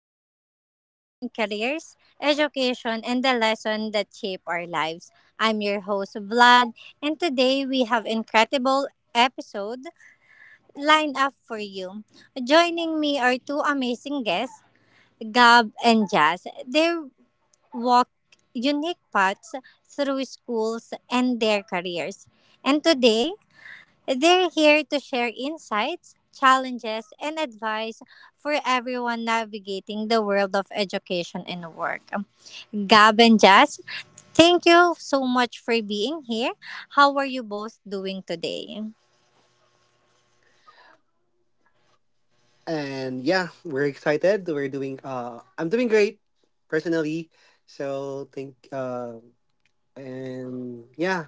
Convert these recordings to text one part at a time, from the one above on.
the stories behind careers, education, and the lessons that shape our lives. I'm your host, Vlad, and today we have incredible episode lined up for you. Joining me are two amazing guests, Gab and Jazz. They walk unique paths through schools and their careers. And today, they're here to share insights, challenges, and advice for everyone navigating the world of education and work. Gab and Jazz, thank you so much for being here. How are you both doing today? And yeah, we're excited. We're doing I'm doing great personally. So, think and yeah,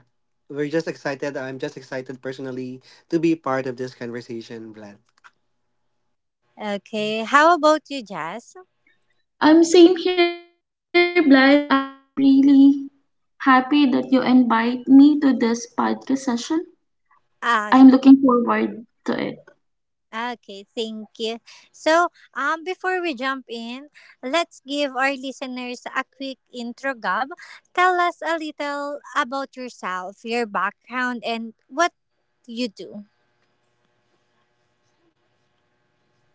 we're just excited. I'm just excited personally to be part of this conversation, Vlad. Okay, how about you, Jazz? I'm same here, Vlad. I am really happy that you invite me to this podcast session. I'm Ah, looking forward to it. okay, thank you. So, before we jump in, let's give our listeners a quick intro, Gab. Tell us a little about yourself, your background, and what you do.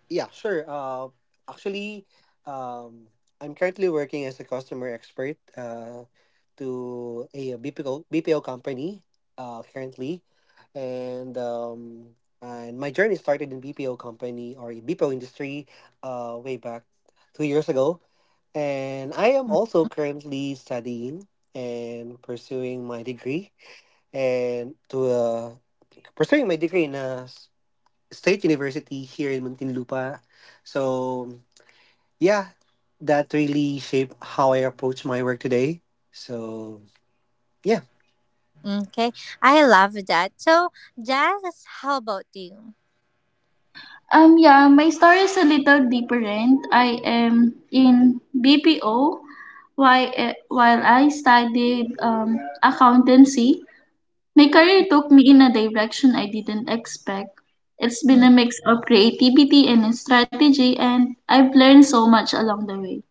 Yeah, sure. Actually, um I'm currently working as a customer expert. To a BPO company, currently, and and my journey started in BPO company, or a BPO industry, way back 2 years ago. And I am also currently studying and pursuing my degree, and to uh, in a state university here in Muntinlupa. So yeah, that really shaped how I approach my work today. So yeah. Mm, okay. I love that. So, Jazz, how about you? Yeah, my story is a little different. I am in BPO while, while I studied accountancy. My career took me in a direction I didn't expect. It's been Mm, a mix of creativity and strategy, and I've learned so much along the way.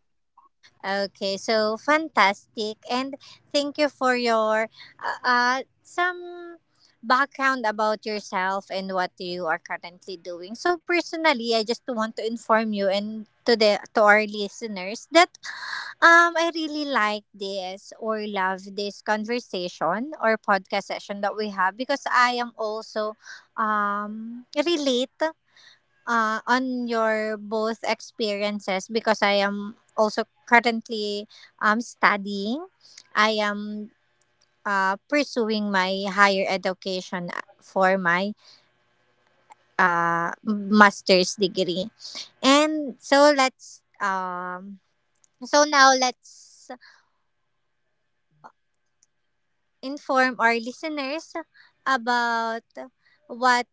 okay. So, fantastic. And thank you for your some background about yourself and what you are currently doing. So, personally, I just want to inform you and to our listeners that I really like this or love this conversation or podcast session that we have because I am also relate on your both experiences because I am also currently studying. I am pursuing my higher education for my master's degree. And so now let's inform our listeners about what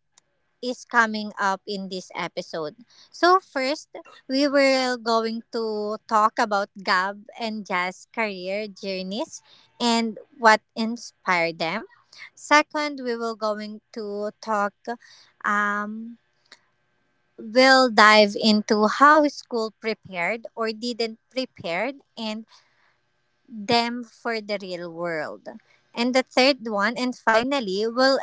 is coming up in this episode. So first, we were going to talk about Gab and Jazz career journeys and what inspired them. Second, we will going to talk um we'll dive into how school prepared or didn't prepared and them for the real world. And the third one, and finally, we will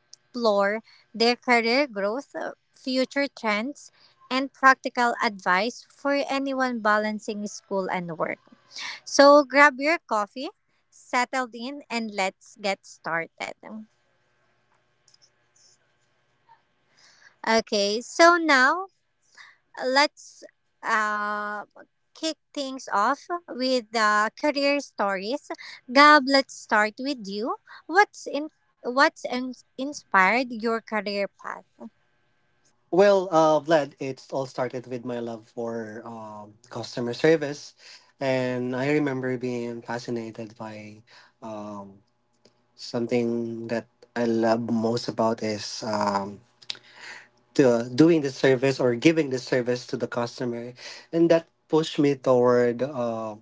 explore their career growth, future trends, and practical advice for anyone balancing school and work. So grab your coffee, settle in, and let's get started. Okay, so now let's uh, kick things off with career stories. Gab, let's start with you. What's in What's inspired your career path? Well, Vlad, it all started with my love for customer service, and I remember being fascinated by um, something. That I love most about is doing the service, or giving the service to the customer, and that pushed me toward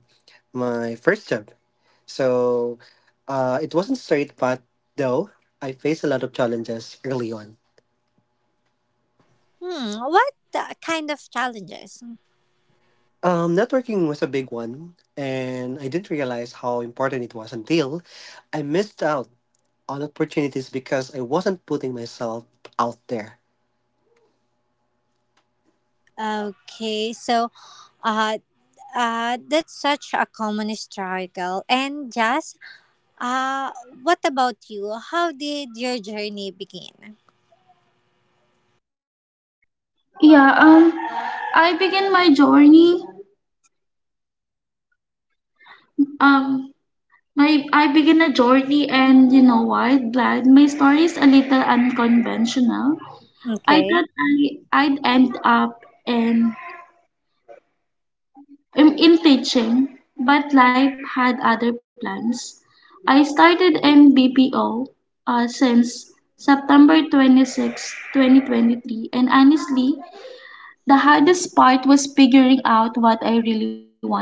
my first job. So, it wasn't straight, but though I faced a lot of challenges early on. What kind of challenges? Networking was a big one, and I didn't realize how important it was until I missed out on opportunities because I wasn't putting myself out there. Okay, so uh, that's such a common struggle. And Jazz, uh, what about you? How did your journey begin? Yeah, um, I begin my journey. Um, my I begin a journey, and you know what, Vlad, my story is a little unconventional. I Okay. thought I'd end up in in, teaching, but life had other plans. I started in BPO since September 26, 2023, and honestly, the hardest part was figuring out what I really wanted.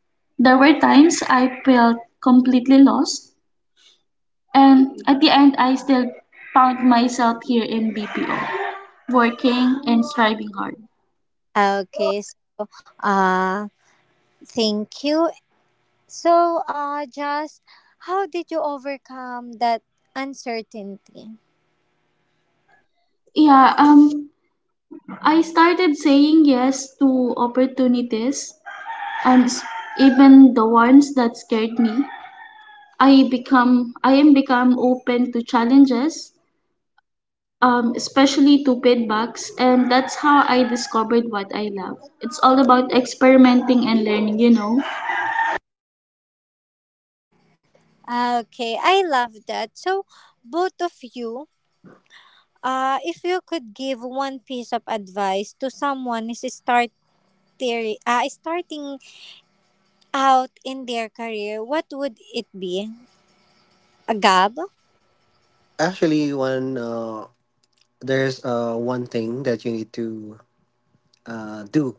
There were times I felt completely lost, and at the end, I still found myself here in BPO, working and striving hard. Okay. Uh, Thank you. So, just how did you overcome that uncertainty? Yeah, um, I started saying yes to opportunities, and even the ones that scared me. I am become open to challenges, especially to feedbacks, and that's how I discovered what I love. It's all about experimenting and learning, you know. Okay, I love that. So, both of you, if you could give one piece of advice to someone who is starting out in their career, what would it be? A Gab? Actually, one there's one thing that you need to do.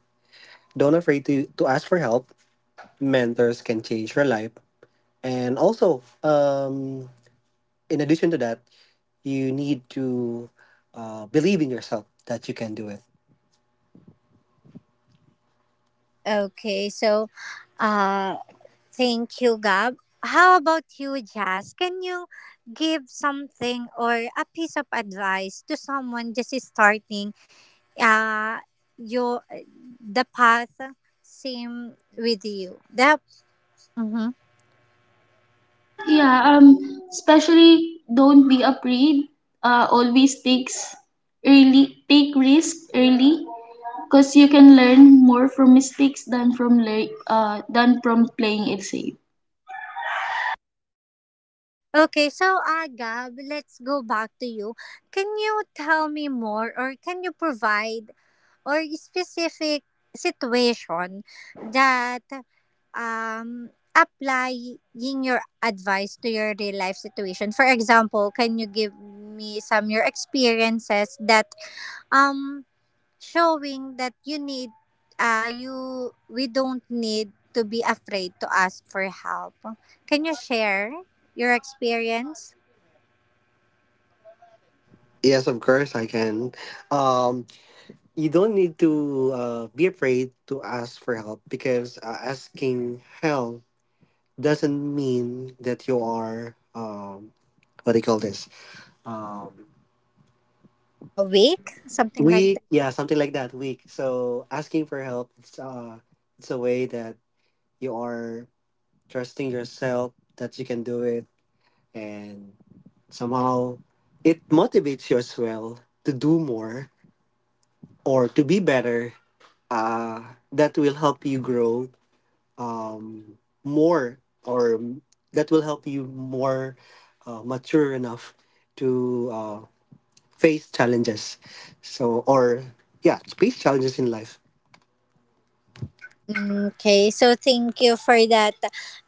Don't afraid to ask for help. Mentors can change your life, and also, in addition to that, you need to believe in yourself that you can do it. Okay, so uh, thank you, Gab. How about you, Jazz? Can you give something or a piece of advice to someone just starting uh, your the path same with you? Mhm. Yeah, um, especially don't be afraid. Always takes early, take risk early, cause you can learn more from mistakes than from than from playing it safe. Okay, so Gab, let's go back to you. Can you tell me more or can you provide or specific situation that um, applying your advice to your real life situation. For example, can you give me some your experiences that um showing that you need you we don't need to be afraid to ask for help. Can you share your experience? Yes, of course I can. Um, you don't need to be afraid to ask for help, because asking help doesn't mean that you are what do you call this um, A week, something like. weak, yeah, something like that, weak. So asking for help, it's a way that you are trusting yourself that you can do it, and somehow it motivates you as well to do more, or to be better. uh, that will help you grow um, more, or that will help you more, mature enough to face challenges so or in life, Okay, so thank you for that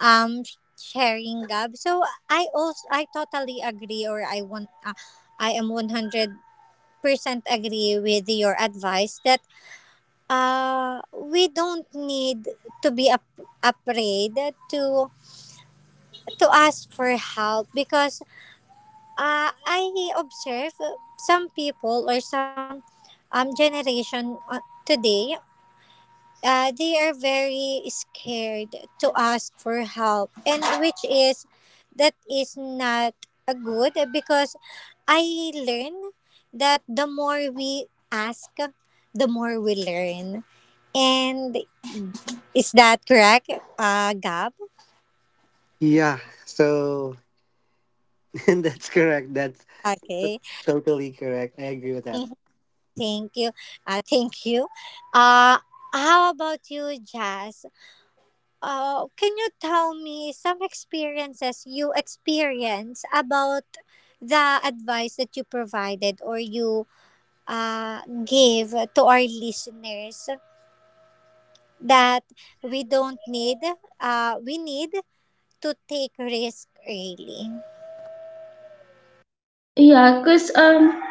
um sharing, Gab. So I totally agree or I am 100% agree with your advice that we don't need to be afraid to to ask for help, because I observe some people or some generation today, they are very scared to ask for help, and which is that is not a good because I learn that the more we ask the more we learn. And is that correct, Gab? yeah. So that's correct. That's Okay. totally correct. I agree with that, thank you thank you uh how about you, Jazz? Can you tell me some experiences you experience about the advice that you provided or you gave to our listeners that we don't need, we need to take risk early. Yeah, cause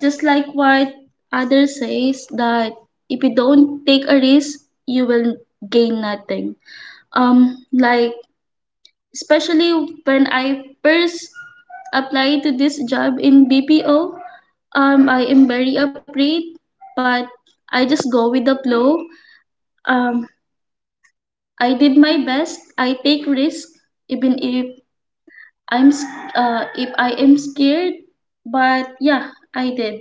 just like what others says that if you don't take a risk, you will gain nothing. Like especially when I first applied to this job in BPO. I am very afraid, but I just go with the flow. Um, I did my best. I take risk, even if I'm s- if I am scared. But yeah, I did.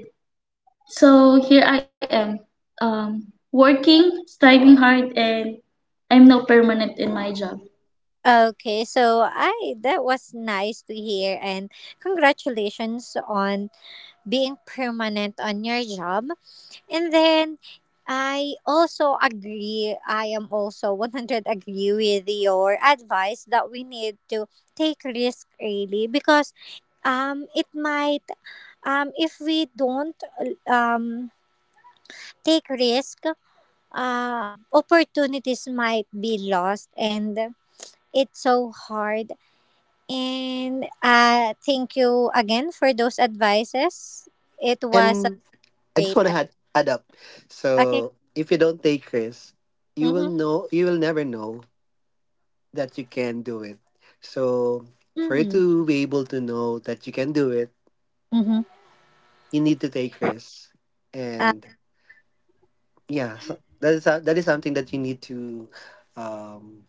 So here I am, working, striving hard, and I'm now permanent in my job. Okay, so I that was nice to hear, and congratulations on being permanent on your job. And then I also agree, I am also 100 agree with your advice that we need to take risk really because it might if we don't um take risk, uh opportunities might be lost and it's so hard. And thank you again for those advices. It was a and I just great. want to add up. Okay. So if you don't take risks, Mm-hmm. You will never know that you can do it. So for you Mm-hmm. to be able to know that you can do it, Mm-hmm. you need to take risks, and yeah. So that is something that you need to um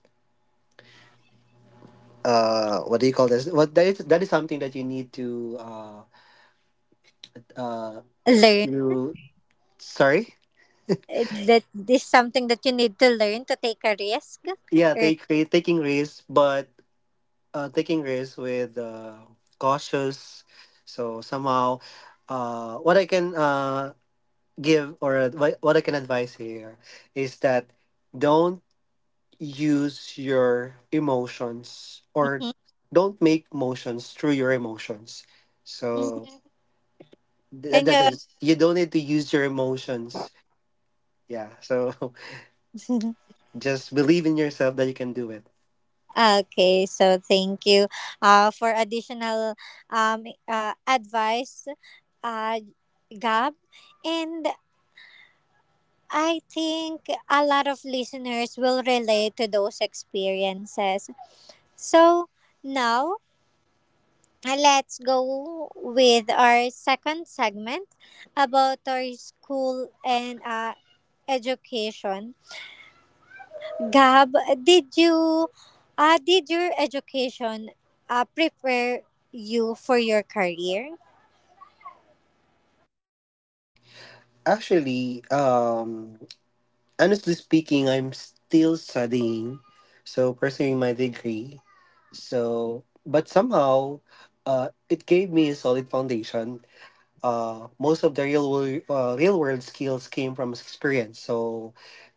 what do you call this what that is something that you need to uh Learn you sorry that this something that you need to learn, to take a risk. yeah, Or, taking risks, but, taking risks with, cautious. So somehow, what I can, what I can advise here, is that don't use your emotions, or Mhm, don't make motions through your emotions. So mhm. that, Can that you? is, you don't need to use your emotions. Yeah. So just believe in yourself that you can do it. Okay, so thank you. For additional advice, uh, Gab, and I think a lot of listeners will relate to those experiences. So now, let's go with our second segment about our school and education. Gab, did you did your education prepare you for your career? Actually, honestly speaking, I'm still studying, so pursuing my degree. So, but somehow, it gave me a solid foundation. Most of the real world skills came from experience. So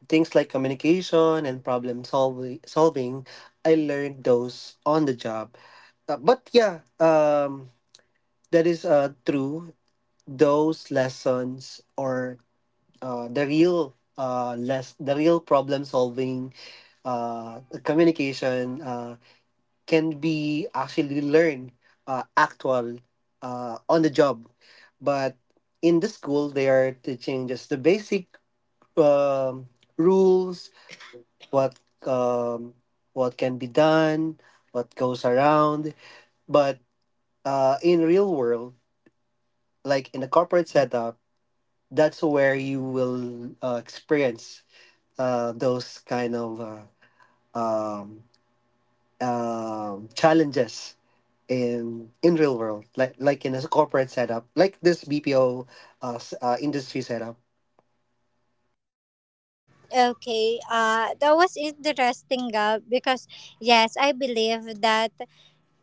things like communication and problem solving, I learned those on the job. But yeah, that is, true. Those lessons, or the real, less the real problem solving, communication, can be actually learned, actual on the job. But in the school, they are teaching just the basic, um, rules, what um, what can be done, what goes around. But, in real world, like in a corporate setup, that's where you will experience, those kind of um, challenges in real world, like in a corporate setup, like this BPO industry setup. Okay, that was interesting, Gab, because yes, I believe that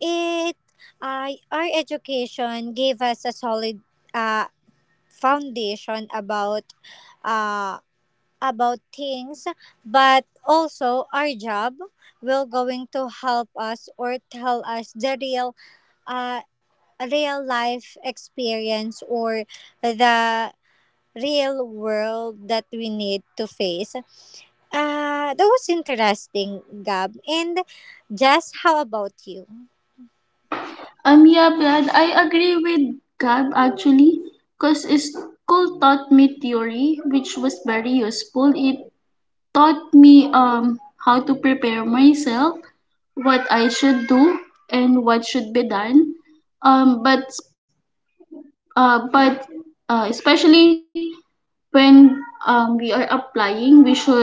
it our education gave us a solid uh, foundation about uh, about things, but also our job will going to help us or tell us the real uh, real life experience or the real world that we need to face. That was interesting, Gab. And just how about you? Yeah, Brad, I agree with Gab actually, because school taught me theory, which was very useful. It taught me how to prepare myself, what I should do, and what should be done. Um, but but especially when we are applying, we should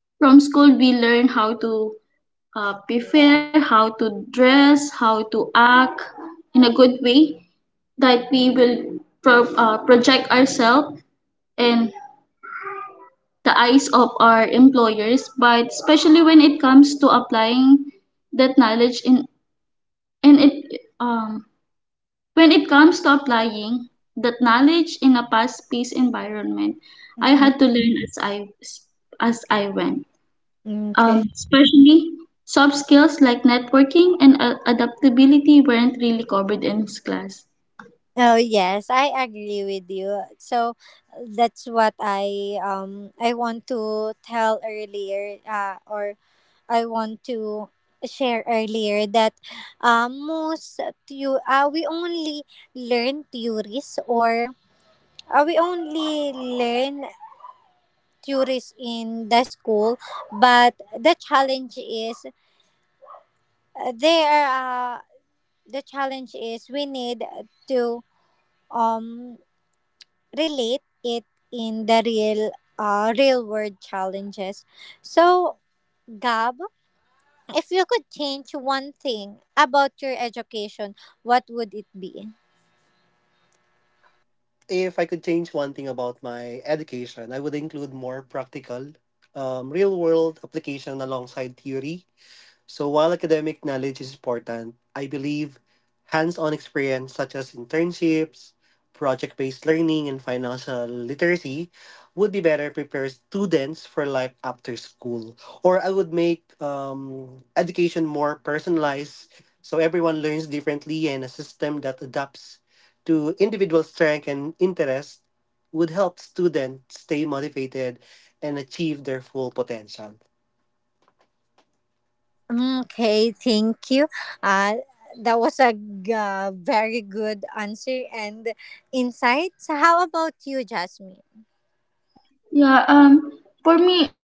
from school we learn how to prepare, how to dress, how to act in a good way that we will project ourselves in the eyes of our employers, but especially when it comes to applying that knowledge in and it um, when it comes to applying that knowledge in a fast-paced environment, I Mm-hmm. had to learn as I went. Okay. Especially soft skills like networking and adaptability weren't really covered in this class. Oh yes, I agree with you. So that's what I want to tell earlier, or I want to share earlier, that most you we only learn theories or we only learn theories in the school, but uh, there uh, the challenge is we need to um relate it in the real real world challenges. So, Gab, if you could change one thing about your education, what would it be? If I could change one thing about my education, I would include more practical, real world application alongside theory. So while academic knowledge is important, I believe hands-on experience, such as internships, project-based learning, and financial literacy, would be better prepare students for life after school. Or I would make education more personalized, so everyone learns differently, and a system that adapts to individual strength and interest would help students stay motivated and achieve their full potential. Okay, thank you. Uh, that was a very good answer and insights. How about you, Jasmine? Yeah, um, for me,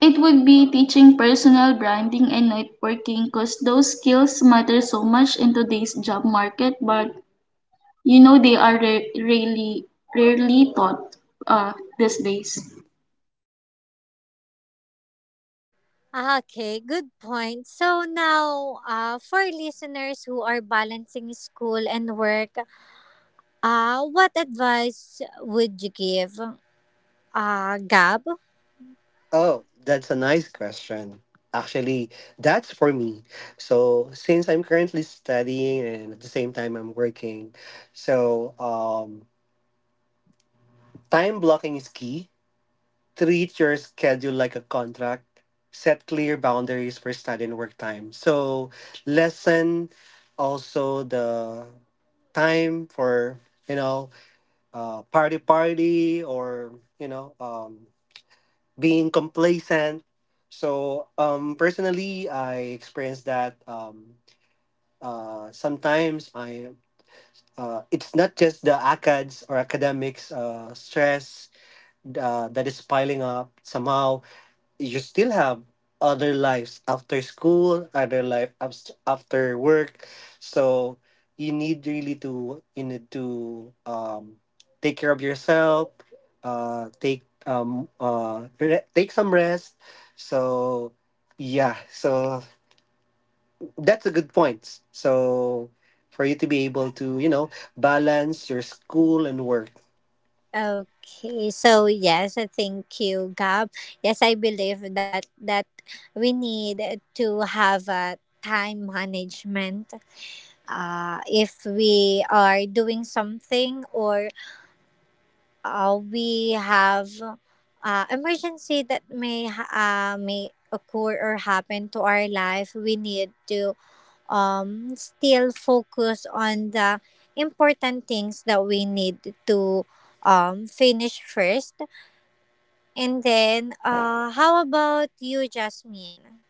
it would be teaching personal branding and networking because those skills matter so much in today's job market, but you know they are really rarely taught uh, these days. Okay, good point. So now, for listeners who are balancing school and work, what advice would you give, Gab? Oh, that's a nice question. Actually, that's for me. So, since I'm currently studying and at the same time I'm working, so, time blocking is key. Treat your schedule like a contract. Set clear boundaries for study and work time. So, lessen also the time for, you know party, or, you know um, being complacent. So, personally, I experience that, sometimes I, it's not just the acads, or academics, stress, that is piling up. Somehow you still have other lives after school, other life, after work. So you need, really, to, you need to, take care of yourself, take some rest. So yeah, so that's a good point. So for you to be able to, balance your school and work. Okay, so yes, thank you, Gab. Yes, I believe that we need to have a time management. If we are doing something or we have emergency that may may occur or happen to our life, we need to still focus on the important things that we need to finish first. And then, how about you, Jasmine?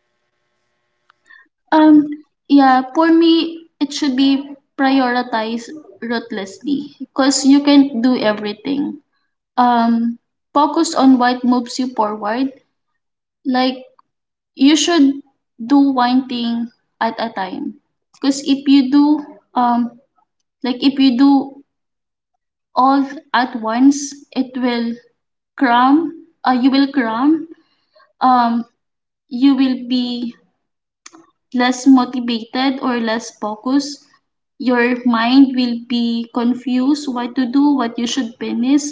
Um, yeah, for me, it should be prioritized ruthlessly because you can't do everything. Um, focus on what moves you forward. Like you should do one thing at a time because if you um do all at once it will cram you will cram um, you will be less motivated or less focused. Your mind will be confused what to do, what you should finish,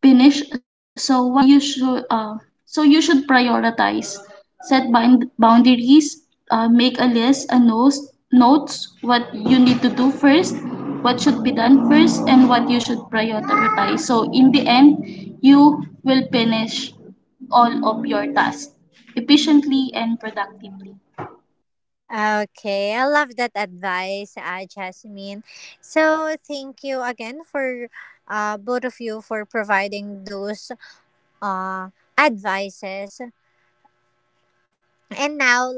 finish. So you should prioritize, set boundaries, make a list, a notes what you need to do first, what should be done first, and what you should prioritize. So in the end, you will finish all of your tasks efficiently and productively. Okay, I love that advice, Jasmine. So, thank you again for both of you for providing those uh, advices. And now,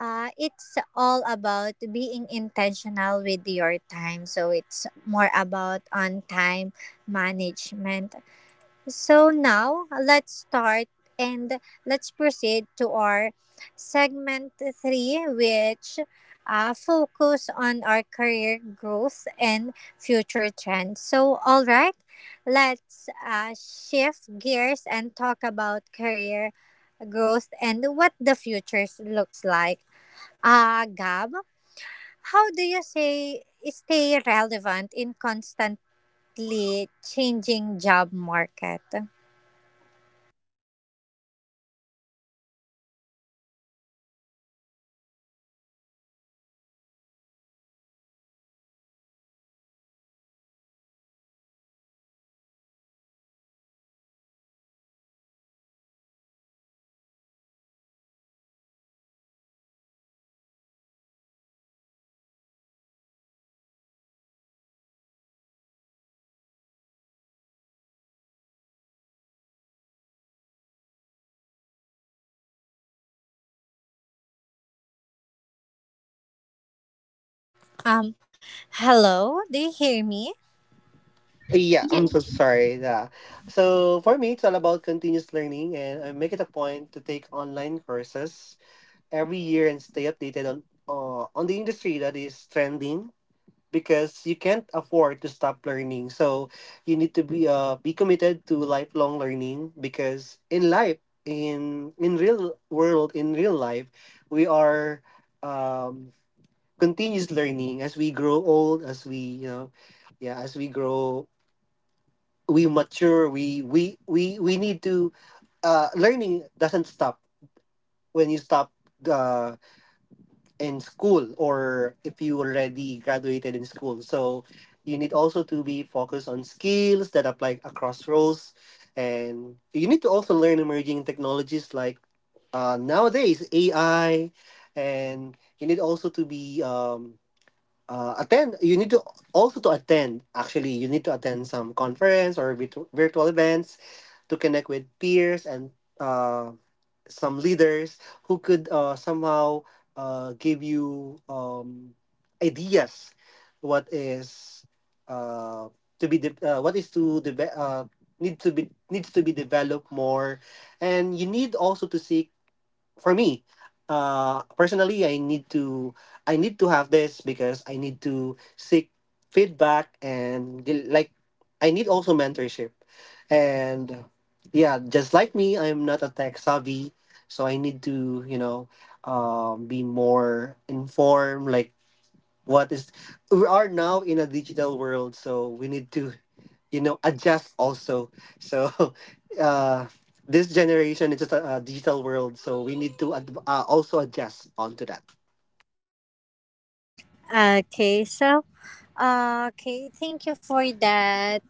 it's all about being intentional with your time. So, it's more about on time management. So now let's start and let's proceed to our segment three, which focus on our career growth and future trends. So, all right, let's shift gears and talk about career growth and what the future looks like. Gab, how do you say stay relevant in constantly changing job market? Um, Hello, do you hear me? Yeah, I'm so sorry. Yeah. So for me, it's all about continuous learning, and I make it a point to take online courses every year and stay updated on the industry that is trending, because you can't afford to stop learning. So you need to be committed to lifelong learning, because in life, in real world, in real life, we are, um continuous learning, as we grow old, as we, yeah, as we grow, we mature, we need to learning doesn't stop when you stop uh in school, or if you already graduated in school. So you need also to be focused on skills that apply across roles, and you need to also learn emerging technologies like, nowadays, AI. And you need also to be attend you need to attend some conference, or virtual events, to connect with peers, and uh, some leaders who could, somehow, give you, ideas what is uh, what is to deve- needs to be developed more. And you need also to seek. For me, personally, I need to have this, because I need to seek feedback and, like, I need also mentorship. And yeah, just like me, I'm not a tech savvy, so I need to, be more informed, like, what is we are now in a digital world, so we need to, adjust also. So uh this generation is just a digital world, so we need to also adjust onto that. Okay, so okay, thank you for that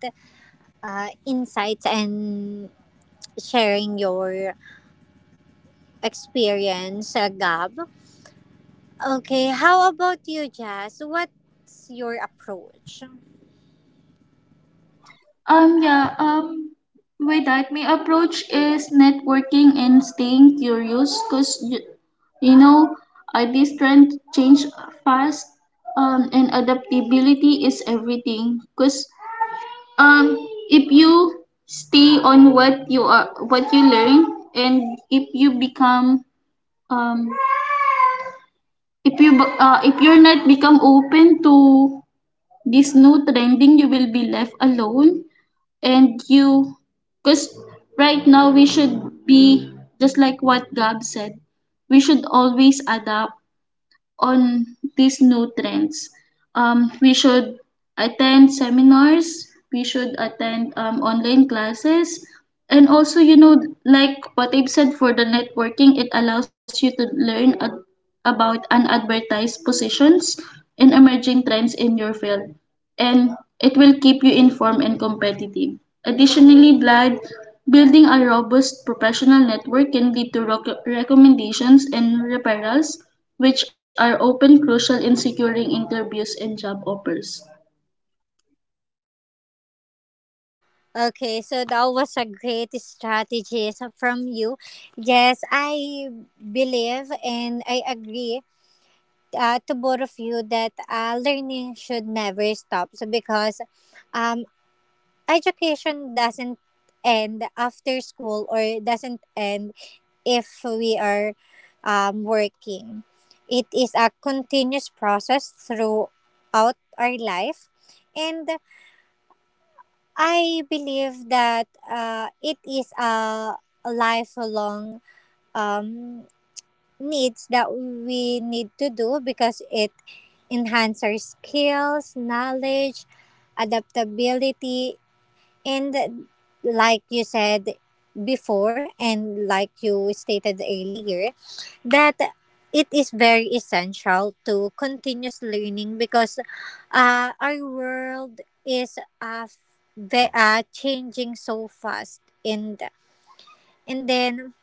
insights and sharing your experience, Gab. Okay, how about you, Jazz? What's your approach? Um, yeah, um, with that, my approach is networking and staying curious because, you know, this trend change fast and adaptability is everything because um, if you stay on what you are, what you learn and if you become um, if you're not become open to this new trending you will be left alone and you because right now we should be just like what Gab said we should always adapt on these new trends, we should attend seminars, we should attend online classes, and also you know like what I've said for the networking it allows you to learn about unadvertised positions and emerging trends in your field, and it will keep you informed and competitive. Additionally, Vlad, building a robust professional network can lead to recommendations and referrals, which are often crucial in securing interviews and job offers. Okay, so that was a great strategy so from you. Yes, I believe and I agree to both of you that learning should never stop. So because um, education doesn't end after school or doesn't end if we are working. It is a continuous process throughout our life. And I believe that it is a lifelong um, needs that we need to do because it enhances our skills, knowledge, adaptability, and like you said before, and like you stated earlier, that it is very essential to continuous learning because our world is changing so fast. And then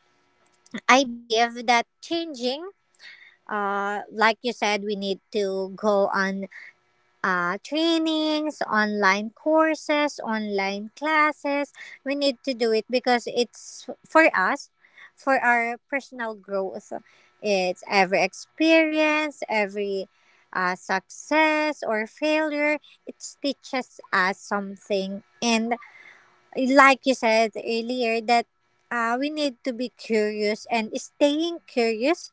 I believe that changing, like you said, we need to go on trainings, online courses, online classes. We need to do it because it's for us, for our personal growth. It's every experience, every success or failure, it teaches us something. And like you said earlier, that we need to be curious, and staying curious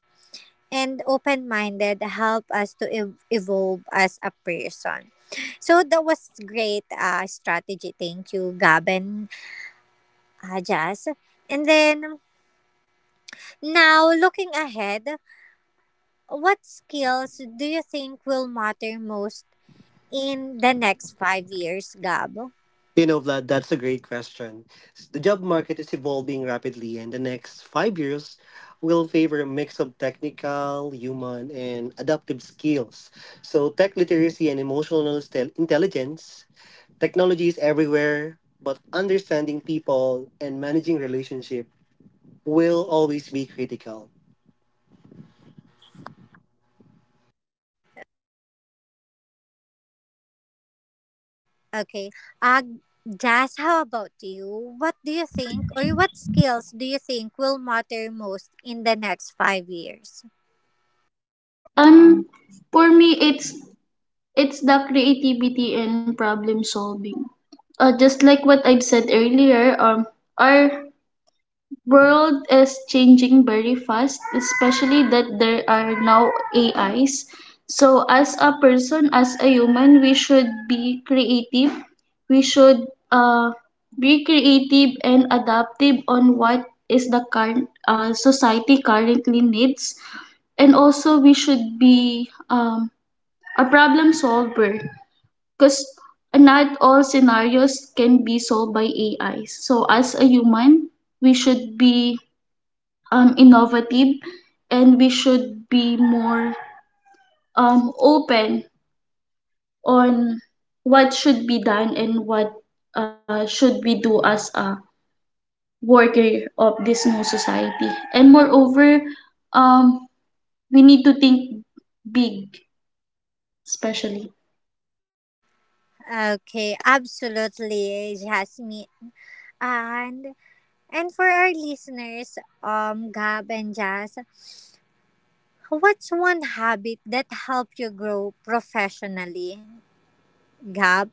and open minded help us to evolve as a person. So that was great strategy. Thank you, Gabin, Jazz. And then now looking ahead, what skills do you think will matter most in the next 5 years, Gab? You know, Vlad, that's a great question. The job market is evolving rapidly, and the next 5 years will favor a mix of technical, human, and adaptive skills. So, tech literacy and emotional, intelligence. Technology is everywhere, but understanding people and managing relationship will always be critical. Okay. Jazz, how about you? What do you think, or what skills do you think will matter most in the next 5 years? Um, for me, it's the creativity and problem solving. Just like what I've said earlier, our world is changing very fast, especially that there are now AIs. So as a person, as a human, we should be creative. We should uh, be creative and adaptive on what is the current society currently needs. And also we should be a problem solver because not all scenarios can be solved by AIs. So as a human, we should be innovative and we should be more open on what should be done and what should we do as a worker of this new society. And moreover, um, we need to think big, especially. Okay, absolutely, Jasmine. And and for our listeners, Gab and Jazz, what's one habit that helped you grow professionally, Gab?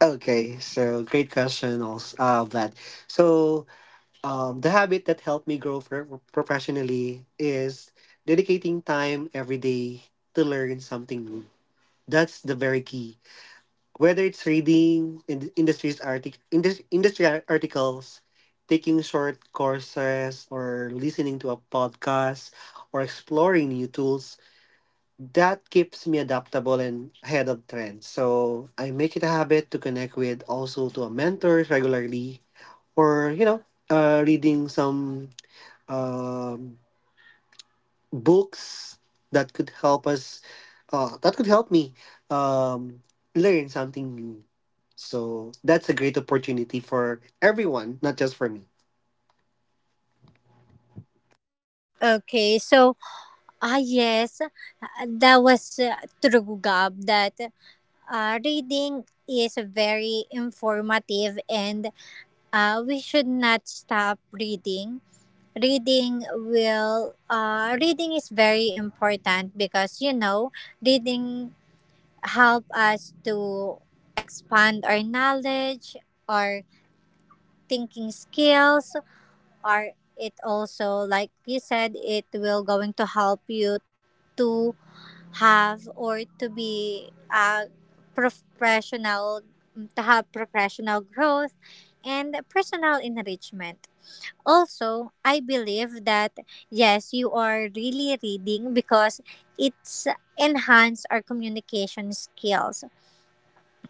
Okay, so great question, also, Vlad. So, the habit that helped me grow professionally is dedicating time every day to learn something new. That's the very key. Whether it's reading in industries artic- indus- industry ar- articles, taking short courses, or listening to a podcast, or exploring new tools, that keeps me adaptable and ahead of trends. So I make it a habit to connect with, also, to a mentor regularly, or, reading some um books that could that could help me um, learn something new. So that's a great opportunity for everyone, not just for me. Okay, so. Ah, yes. Ah, that was true, Gab, that reading is very informative and we should not stop reading. Reading is very important because reading help us to expand our knowledge, our thinking skills, or it also, like you said, it will going to help you to have or to be a professional, to have professional growth and personal enrichment also. I believe that, yes, you are really reading because it's enhance our communication skills.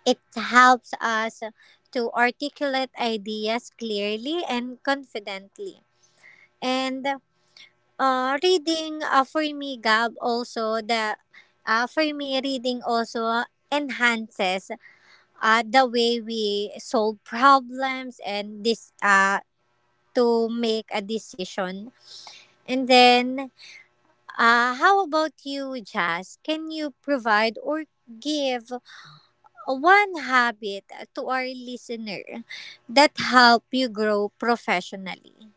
It helps us to articulate ideas clearly and confidently. And reading, for me, Gab, also the for me, reading also enhances the way we solve problems and this, to make a decision. And then, how about you, Jazz? Can you provide or give one habit to our listener that help you grow professionally?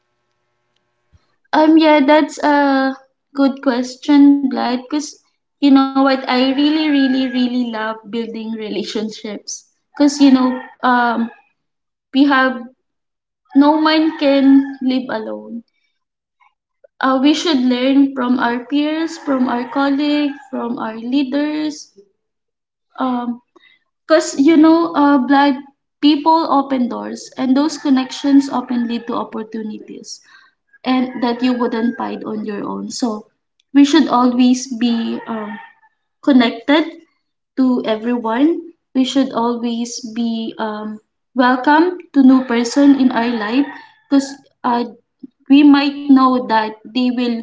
Yeah, that's a good question, Vlad, because you know what? I really love building relationships. Because, you know, we have no one can live alone. We should learn from our peers, from our colleagues, from our leaders. Because, you know, black people open doors, and those connections often lead to opportunities and that you wouldn't find on your own. So, we should always be connected to everyone. We should always be welcome to new person in our life because uh, we might know that they will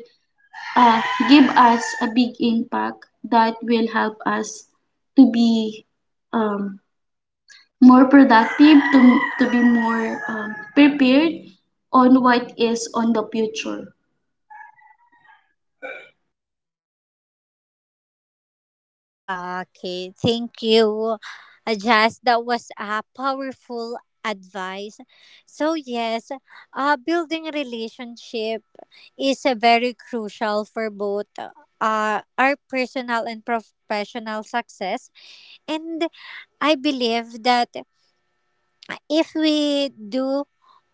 uh, give us a big impact that will help us to be um, more productive, to be more prepared on what is on the future. Okay, thank you, Jazz. That was a powerful advice. So yes, building a relationship is a very crucial for both, our personal and professional success. And I believe that if we do,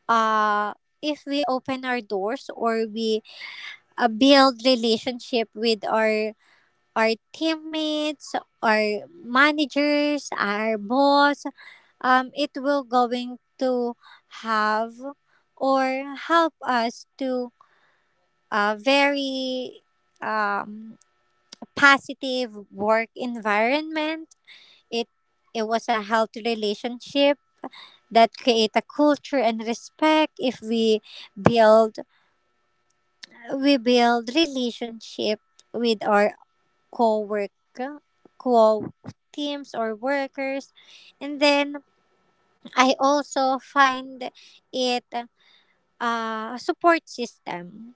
uh if we open our doors, or we, build relationship with our teammates, our managers, our boss, it will going to have or help us to a very, um, positive work environment. It it was a healthy relationship that create a culture and respect. If we build build relationship with our co-work co teams or workers. And then I also find it, a support system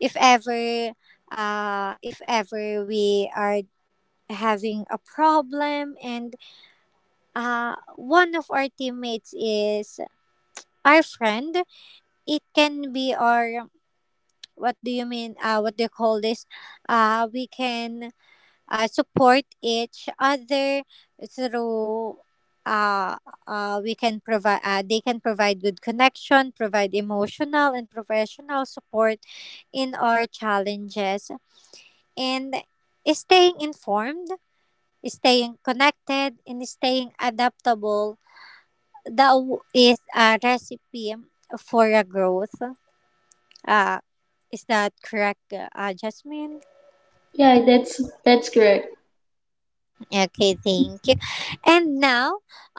if ever, if ever we are having a problem. And one of our teammates is our friend, it can be our, what do you mean, what do you call this, we can, support each other through, uh, we can provide they can provide good connection, provide emotional and professional support in our challenges. And staying informed, staying connected, and staying adaptable, that is a recipe for a growth, uh, is that correct, Jasmine? Yeah, that's correct. Okay, thank you. And now,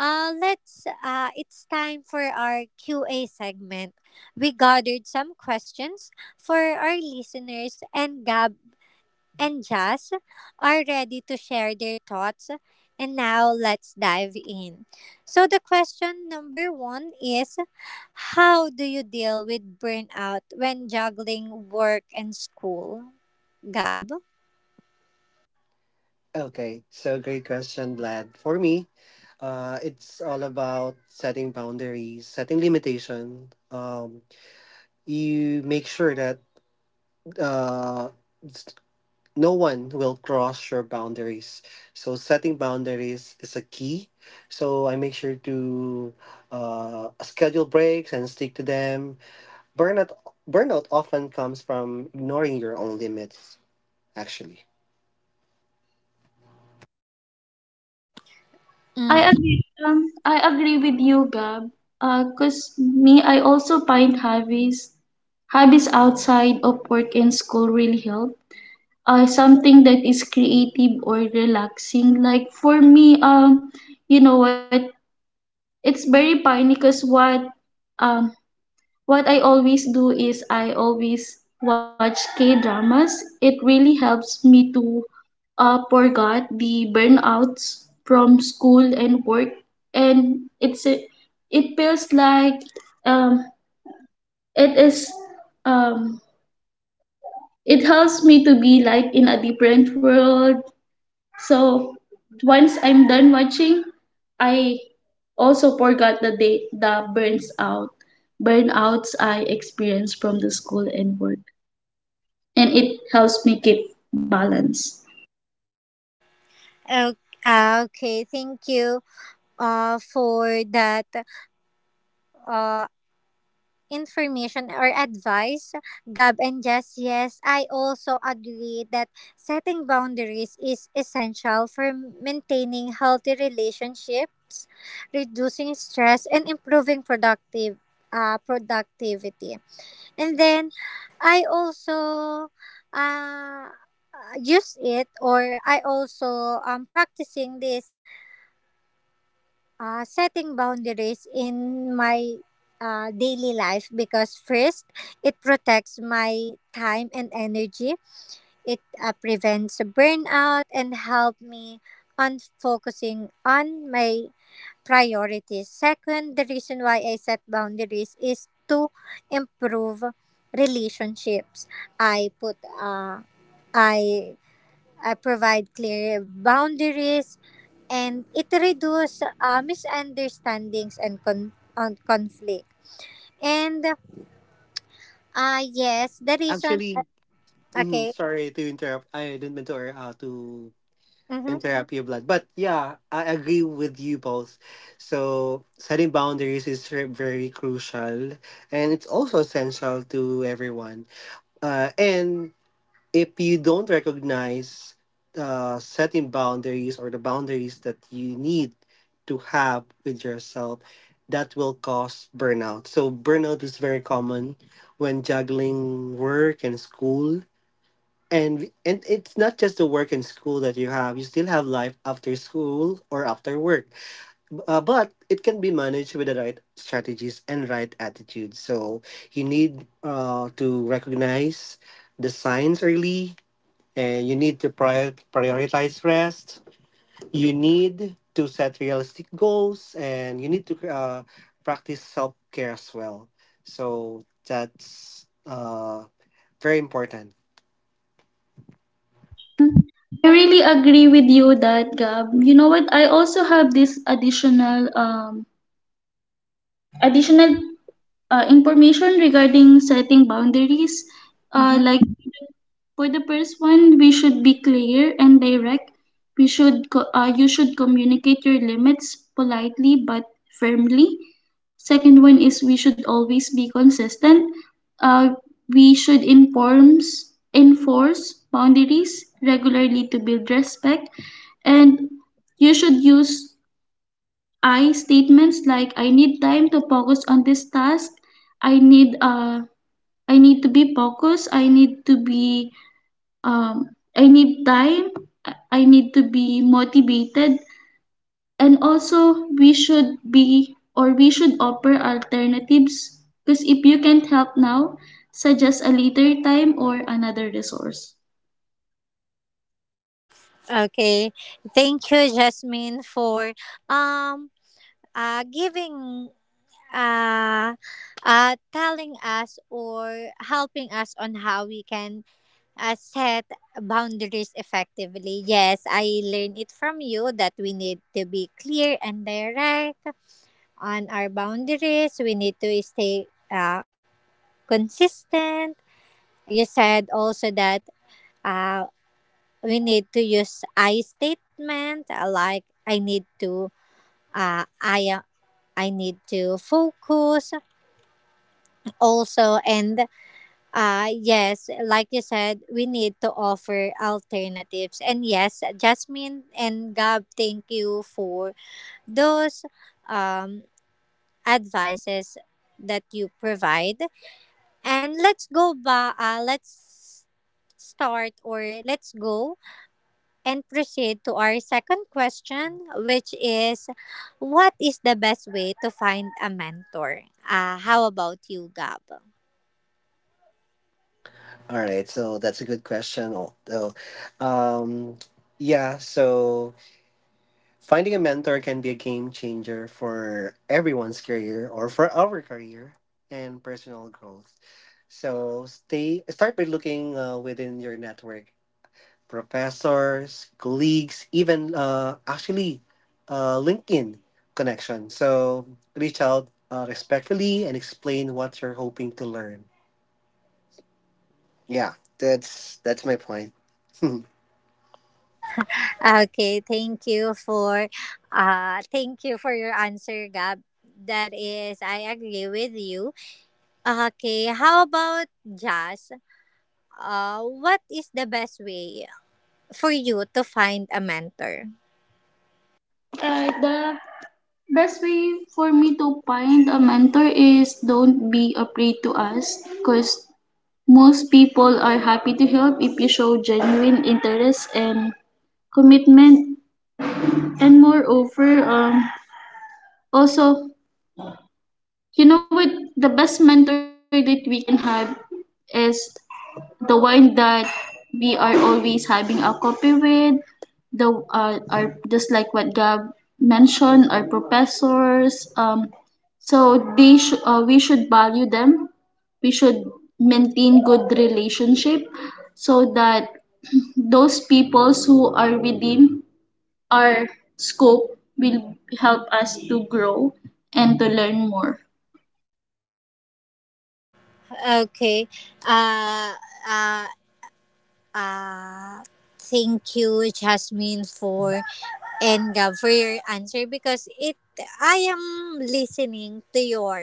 let's. It's time for our Q A segment. We gathered some questions for our listeners, and Gab and Jazz are ready to share their thoughts. And now, let's dive in. So the question number one is, how do you deal with burnout when juggling work and school, Gab? Okay, so great question, Vlad. For me, it's all about setting boundaries, setting limitation, um, you make sure that, uh, s- no one will cross your boundaries. So setting boundaries is a key. So I make sure to schedule breaks and stick to them. Burnout burnout often comes from ignoring your own limits. Actually, I Mm. agree. I agree with you, Gab. Cause me, I also find hobbies outside of work and school really help. Something that is creative or relaxing. Like for me, you know what? It's very funny because um what I always do is I always watch K dramas. It really helps me to forgot the burnouts from school and work, and it feels like um, it is um, it helps me to be like in a different world. So once I'm done watching, I also forgot the burns out burnouts I experienced from the school and work, and it helps me keep balance. Okay, okay, thank you for that, uh, information or advice, Gab and Jess. Yes, I also agree that setting boundaries is essential for maintaining healthy relationships, reducing stress, and improving productive productivity. And then I also, uh, use it, or I also, practicing this, setting boundaries in my, daily life. Because, first, it protects my time and energy. It, prevents burnout and help me on focusing on my priorities. Second, the reason why I set boundaries is to improve relationships. I put uh, i uh, provide clear boundaries, and it reduces, misunderstandings and con- on conflict. And, yes, the reason. actually, mhm, Okay. sorry to interrupt. I didn't mean to, Mm-hmm, and therapy blood. But yeah, I agree with you both. So setting boundaries is very crucial, and it's also essential to everyone. And if you don't recognize, setting boundaries, or the boundaries that you need to have with yourself, that will cause burnout. So burnout is very common when juggling work and school, and, and it's not just the work and school that you have. You still have life after school, or after work. But it can be managed with the right strategies and right attitude. So you need, to recognize the signs early, and you need to prioritize rest. You need to set realistic goals, and you need to practice self-care as well. So that's, very important. I really agree with you that Gab. You know what? I also have this additional information regarding setting boundaries. Mm-hmm. Like for the first one, we should be clear and direct. You should communicate your limits politely but firmly. Second one is we should always be consistent. Uh, we should informs enforce boundaries regularly to build respect, and you should use I statements like I need time to focus on this task. I need to be focused. I need to be um, I need time. I need to be motivated. And also, we should offer alternatives because if you can't help now, suggest a later time or another resource. Okay. Thank you, Jasmine, for um giving uh, telling us or helping us on how we can, set boundaries effectively. Yes, I learned it from you that we need to be clear and direct on our boundaries. We need to stay, consistent. You said also that, uh, we need to use I statement, like, uh, I uh, I need to focus also. And, ah, yes, like you said, we need to offer alternatives. And yes, Jasmine and Gab, thank you for those, um, advices that you provide. And let's go ba let's start or let's go and proceed to our second question, which is, what is the best way to find a mentor? How about you, Gab? All right, so that's a good question. Although, um, yeah, so finding a mentor can be a game changer for everyone's career or for our career and personal growth. So stay start by looking within your network, professors, colleagues, even actually LinkedIn connection. So reach out respectfully and explain what you're hoping to learn. Yeah, that's my point. Okay, thank you for your answer, Gab. That is, I agree with you. Okay, how about Jazz? What is the best way for you to find a mentor? The best way for me to find a mentor is don't be afraid to ask because most people are happy to help if you show genuine interest and commitment, and moreover also you know what? The best mentor that we can have is the one that we are always having a copy with. The our just like what Gab mentioned, our professors. So they we should value them. We should maintain good relationship so that those peoples who are within our scope will help us to grow and to learn more. Okay. Uh uh uh Thank you, Jasmine, for and Gab for your answer, because it I am listening to your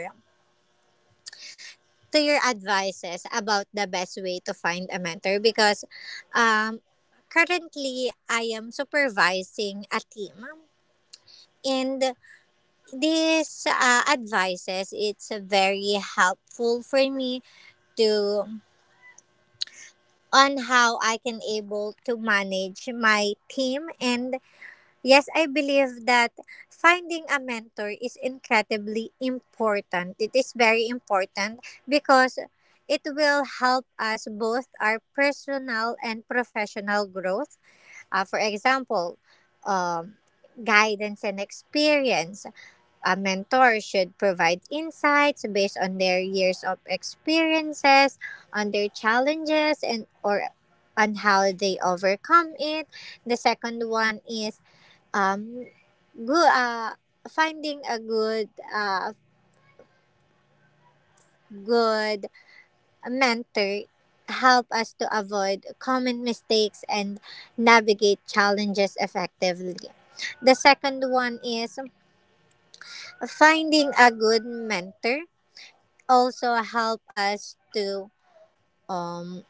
to your advices about the best way to find a mentor. Because, um, currently, I am supervising a team, and these, advices, it's very helpful for me to on how I can able to manage my team. And yes, I believe that finding a mentor is incredibly important. It is very important because it will help us both our personal and professional growth. For example, um, guidance and experience. A mentor should provide insights based on their years of experiences, on their challenges, and or on how they overcome it. The second one is, um, good finding a good, good mentor help us to avoid common mistakes and navigate challenges effectively. The second one is, finding a good mentor also help us to, um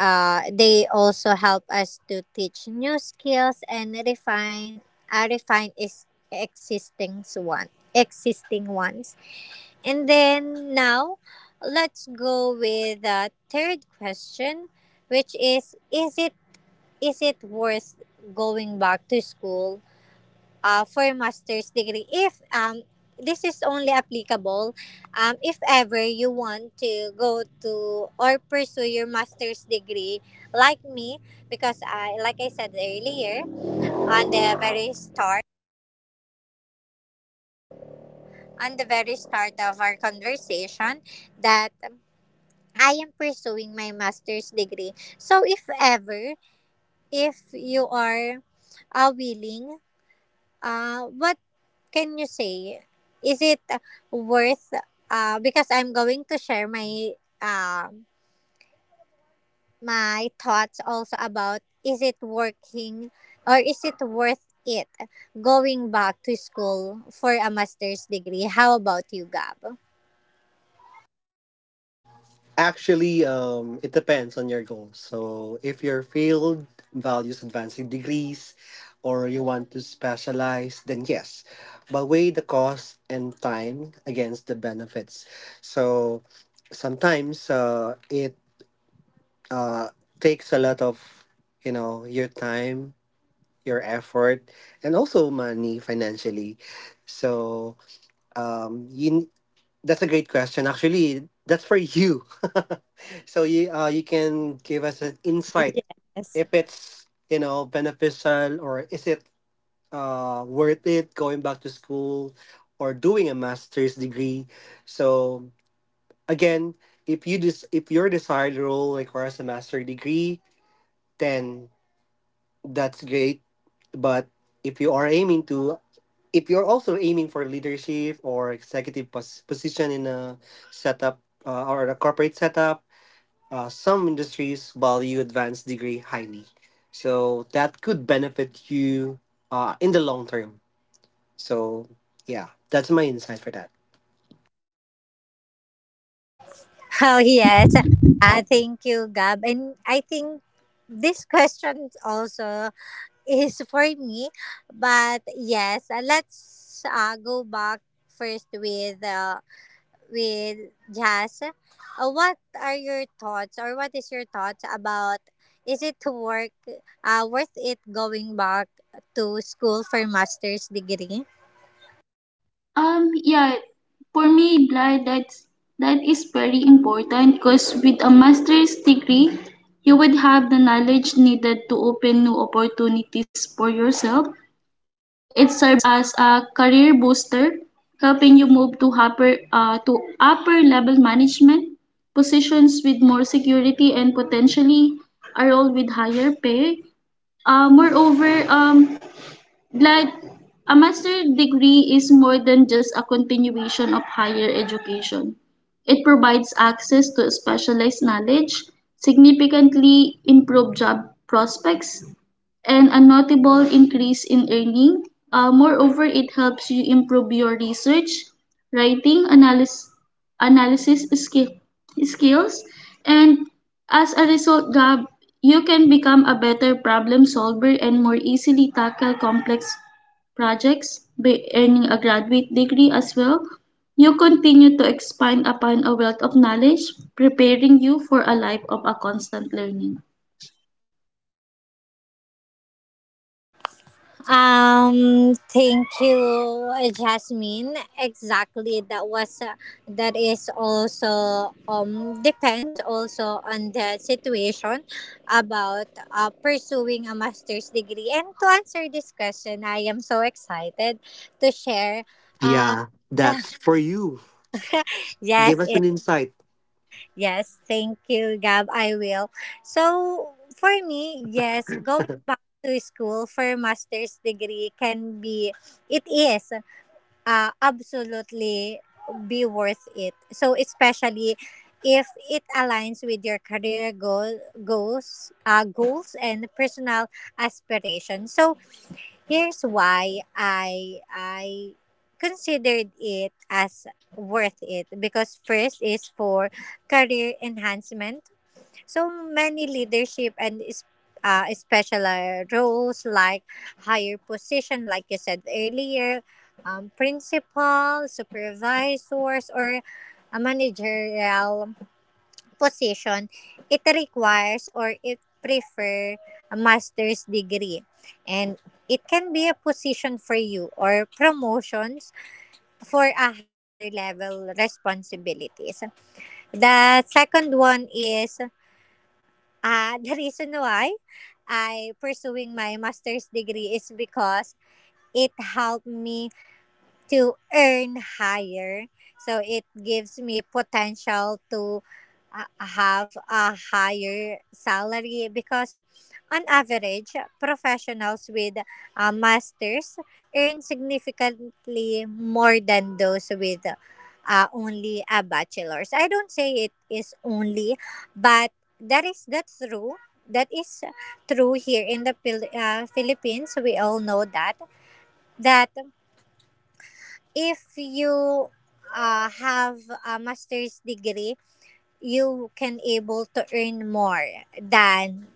they also help us to teach new skills and refine, is existing one existing ones. And then now, let's go with the third question, which is, is it worth going back to school, for a master's degree, if, this is only applicable, if ever you want to go to or pursue your master's degree like me. Because, I like I said earlier, on the very start on the very start of our conversation, that I am pursuing my master's degree. So if ever, if you are, willing, what can you say? Is it, worth? Because I'm going to share my, um my thoughts also about, is it working or is it worth it going back to school for a master's degree? How about you, Gab? Actually, it depends on your goals. So, if your field values advancing degrees or you want to specialize, then yes. But weigh the cost and time against the benefits. So, sometimes it uh, takes a lot of, you know, your time, your effort, and also money financially. So, you that's a great question. Actually, that's for you. So you you can give us an insight if it's you know beneficial or is it worth it going back to school or doing a master's degree. So again, if your desired role requires a master degree, then that's great. But if you are aiming to if you're also aiming for leadership or executive position in a setup or a corporate setup, some industries value advanced degree highly. So that could benefit you in the long term. So, yeah, that's my insight for that. Oh, yes. I thank you, Gab. And I think this question also is for me. But yes, let's, go back first with, Jazz. What are your thoughts, or what is your thoughts about, is it to work worth it going back to school for master's degree? Um, yeah, for me, Blythe, that is very important because with a master's degree, you would have the knowledge needed to open new opportunities for yourself. It serves as a career booster, helping you move to upper level management positions with more security and potentially a role with higher pay. Moreover, like a master's degree is more than just a continuation of higher education. It provides access to specialized knowledge, significantly improved job prospects, and a notable increase in earning. Moreover, it helps you improve your research, writing, analysis skills, and as a result, Gab, you can become a better problem solver and more easily tackle complex projects. By earning a graduate degree as well, you continue to expand upon a wealth of knowledge, preparing you for a life of a constant learning. Thank you, Jasmine. Exactly, that is also, depends also on the situation about, pursuing a master's degree. And to answer this question, I am so excited to share. Uh, Yeah, that's for you. Give yes, us an insight. yes. Thank you, Gab. I will. So for me, yes, going back to school for a master's degree can be, it is, absolutely be worth it. So especially if it aligns with your goals and personal aspirations. So here's why I considered it as worth it. Because, first, is for career enhancement. So many leadership and special, roles, like higher position, like you said earlier, principal, supervisors, or a managerial position, it requires or it prefer a master's degree. And it can be a position for you or promotions for a higher level responsibilities. The second one is, the reason why I pursuing my master's degree is because it helped me to earn higher. So it gives me potential to, have a higher salary. Because, on average, professionals with a masters earn significantly more than those with, only a bachelor's. I don't say it is only, but that is the true, that is true. Here in the Philippines, we all know that, that if you, have a master's degree, you can able to earn more than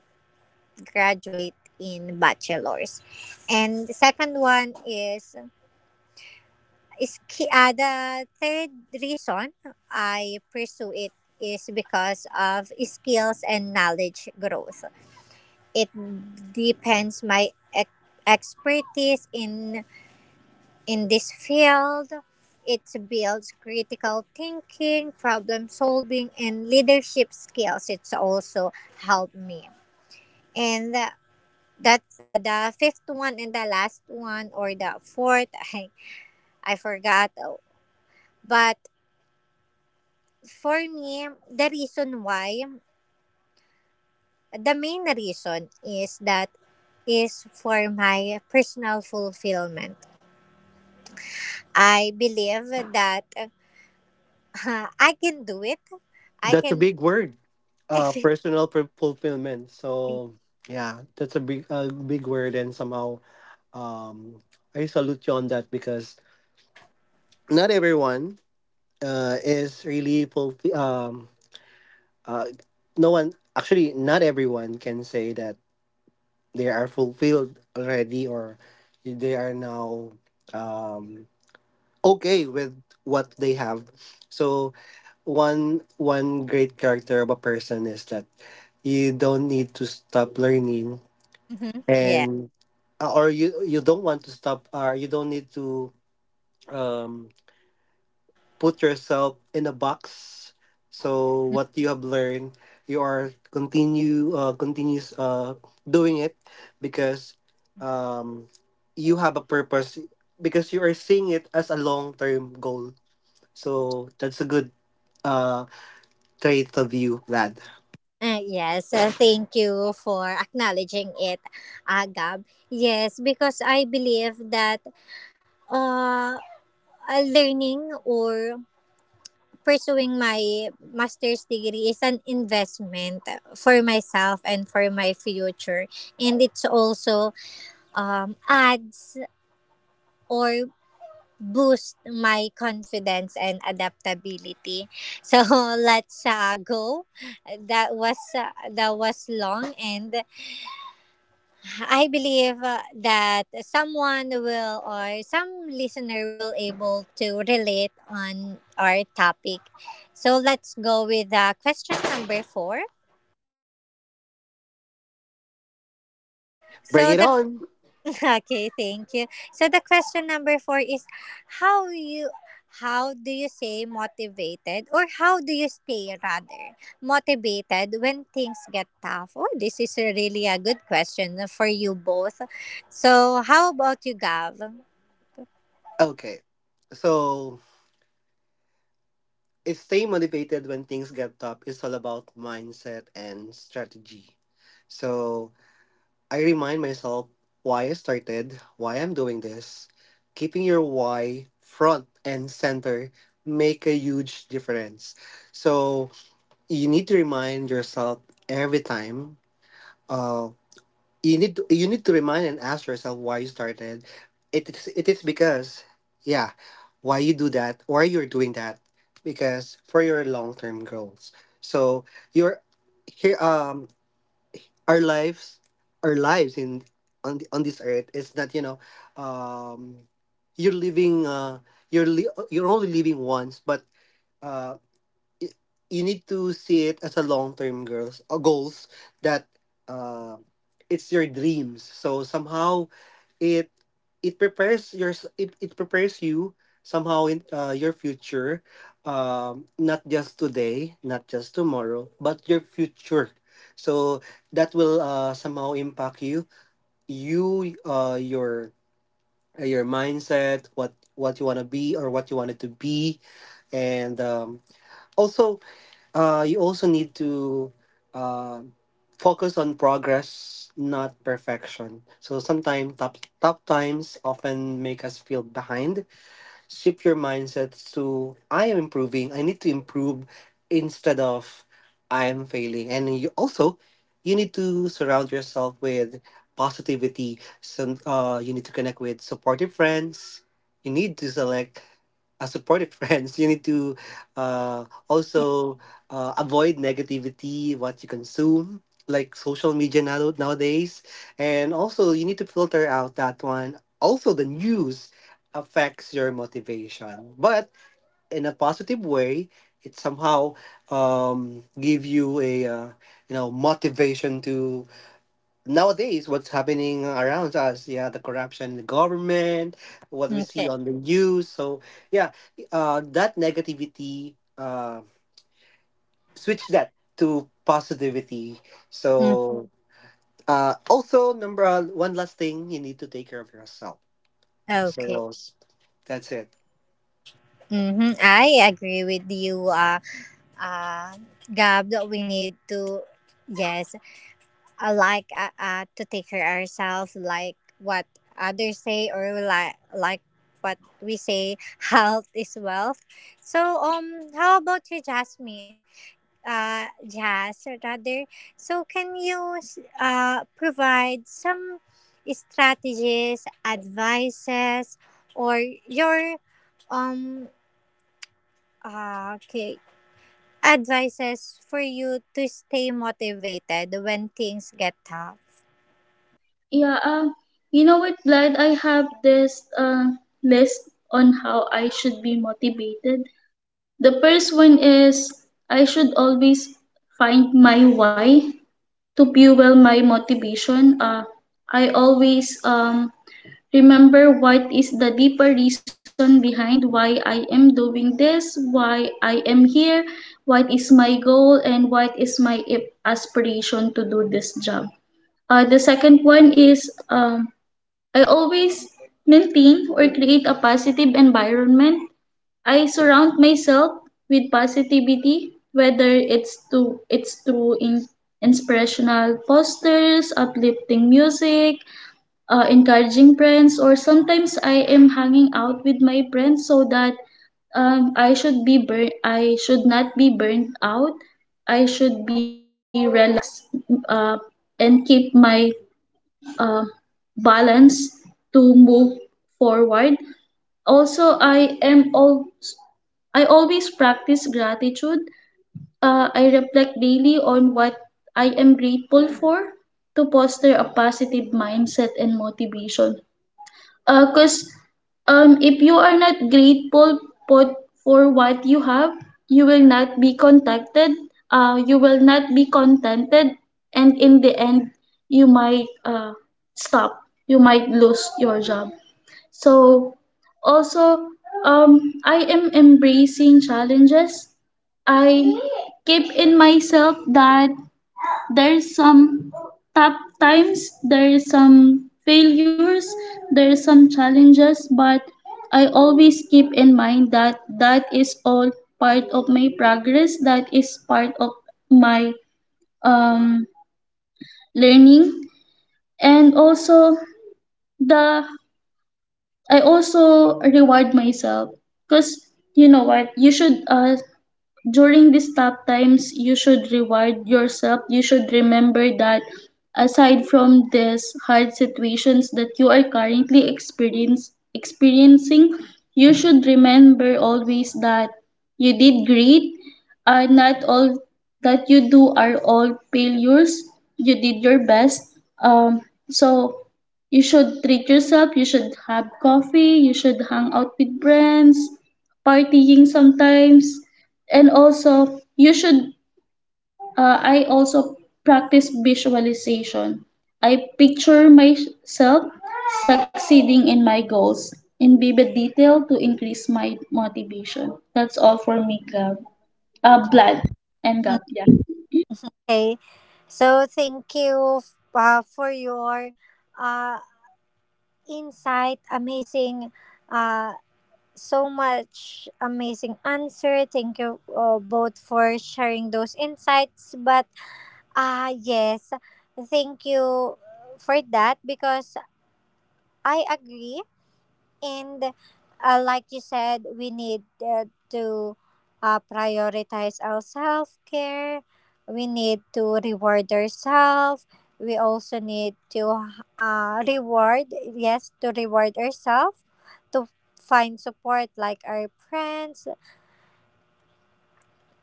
graduate in bachelor's. And the second one is ki- the third reason I pursue it is because of skills and knowledge growth. It depends my expertise in this field. It builds critical thinking, problem solving, and leadership skills. It's also helped me. And that's, the fifth one and the last one, or the fourth, I forgot. But for me, the reason why, the main reason, is that is for my personal fulfillment. I believe that, I can do it. I That's a can. big word. Personal fulfillment. So, yeah, that's a big word, and somehow um, I salute you on that because not everyone uh, is really fulfi- um uh, no one actually not everyone can say that they are fulfilled already or they are now um, okay with what they have. So one great character of a person is that you don't need to stop learning Mhm. Yeah. and or you don't want to stop or you don't need to um put yourself in a box. So what you have learned, you are continues doing it because um, you have a purpose because you are seeing it as a long term goal. So that's a good uh, trait of you, lad. Yes, thank you for acknowledging it, Gab. Yes, because I believe that, uh, learning or pursuing my master's degree is an investment for myself and for my future. And it's also, adds or boost my confidence and adaptability. So let's, go. That was long, and I believe, that someone will or some listener will able to relate on our topic. So let's go with, question number four. Bring So it the on. Okay, thank you. So the question number four is, how you how do you stay motivated, or how do you stay, rather, motivated when things get tough? Oh, this is a really a good question for you both. So how about you, Gav? Okay, so it's stay motivated when things get tough. It's all about mindset and strategy. So I remind myself why I started, why I'm doing this. Keeping your why front and center make a huge difference. So you need to remind yourself every time. Uh, you need to, you need to remind and ask yourself why you started. It is because yeah, why you do that, why you're doing that, because for your long term goals. So you're here. Our lives our lives in on the, on this earth is not you know um you're living uh you're only living once, but uh y- you need to see it as a long term girls goals that uh, it's your dreams. So somehow it it prepares your it prepares you somehow in your future, not just today, not just tomorrow, but your future. So that will somehow impact you you uh your your mindset, what you want to be or what you wanted to be. And also you also need to uh, focus on progress, not perfection. So sometimes top times often make us feel behind. Shift your mindset to I am improving. I need to improve, instead of I am failing. And you also you need to surround yourself with positivity. So you need to connect with supportive friends. You need to select supportive friends, you need to also avoid negativity, what you consume, like social media now, nowadays. And also, you need to filter out that one. Also, the news affects your motivation, but in a positive way, it somehow give you a you know motivation to nowadays what's happening around us. Yeah, the corruption in the government, what we see Okay. on the news. So yeah, that negativity, switch that to positivity. So also number one, last thing, you need to take care of yourself. Okay. So that's it. Mm-hmm. I agree with you, uh, Gab, that we need to, yes, like, to take care ourselves, like what others say, or what we say, health is wealth. So, how about you, Jasmine? Jas, rather. So, can you, provide some strategies, advices, or your, um ah, okay, advice is for you to stay motivated when things get tough. yeah um you know what, Vlad, I have this list on how I should be motivated. The first one is I should always find my why to fuel my motivation. I always remember what is the deeper reason behind why I am doing this, why I am here, what is my goal, and what is my aspiration to do this job. The second one is I always maintain or create a positive environment. I surround myself with positivity, whether it's to it's through inspirational posters, uplifting music, encouraging friends, or sometimes I am hanging out with my friends so that I should not be burnt out. I should be relaxed, uh, and keep my uh, balance to move forward. Also, I am all I always practice gratitude. I reflect daily on what I am grateful for to foster a positive mindset and motivation. Because if you are not grateful for, for what you have, you will not be contented. You will not be contented, and in the end, you might stop. You might lose your job. So also I am embracing challenges. I keep in myself that there's some tough times, there's some failures, there's some challenges, but I always keep in mind that that is all part of my progress, that is part of my um, learning, and also the I also reward myself. Because you know what, you should, during these tough times, you should reward yourself. You should remember that aside from these hard situations that you are currently experiencing, you should remember always that you did great. Are not all that you do are all failures. You did your best. So you should treat yourself. You should have coffee. You should hang out with friends, partying sometimes. And also you should, I also practice visualization. I picture myself succeeding in my goals in vivid detail to increase my motivation. That's all for me, Gab. Blood and Gab. Yeah, Okay. So thank you for your, uh, insight. Amazing. Uh, so much amazing answer. Thank you, both, for sharing those insights. But, ah, yes, thank you for that, because I agree. And, like you said, we need, to, prioritize our self care. We need to reward ourselves. We also need to, uh, reward, reward ourselves, to find support like our friends.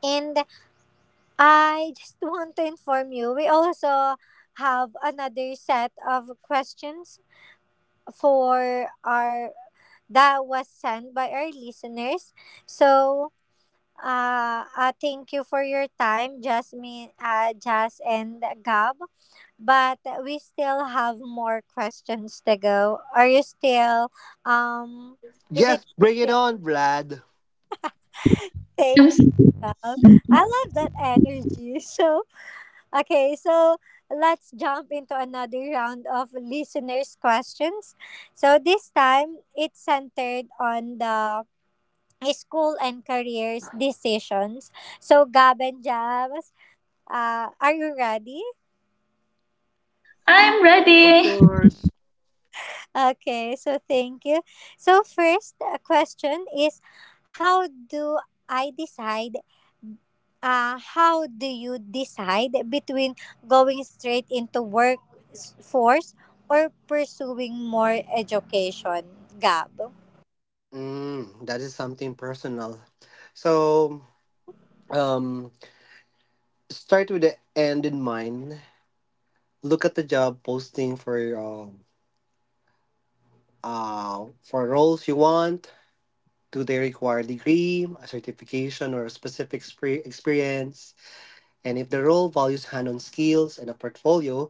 And I just want to inform you, we also have another set of questions for our that was sent by our listeners. So, thank you for your time, Jasmine, Jas and Gab. But we still have more questions to go. Are you still um is it Yes, bring it still on, Vlad. thank you, Gab? I love that energy. So, okay, so let's jump into another round of listeners questions. So this time it's centered on the school and careers decisions. So, Gab and Jabs, are you ready? I'm Of ready. course. Okay, so thank you. So, first question is how do I decide? How do you decide between going straight into workforce or pursuing more education? Gab. That is something personal, so um start with the end in mind. Look at the job posting for roles you want. Do they require a degree, a certification, or a specific experience? And if the role values hand-on skills and a portfolio,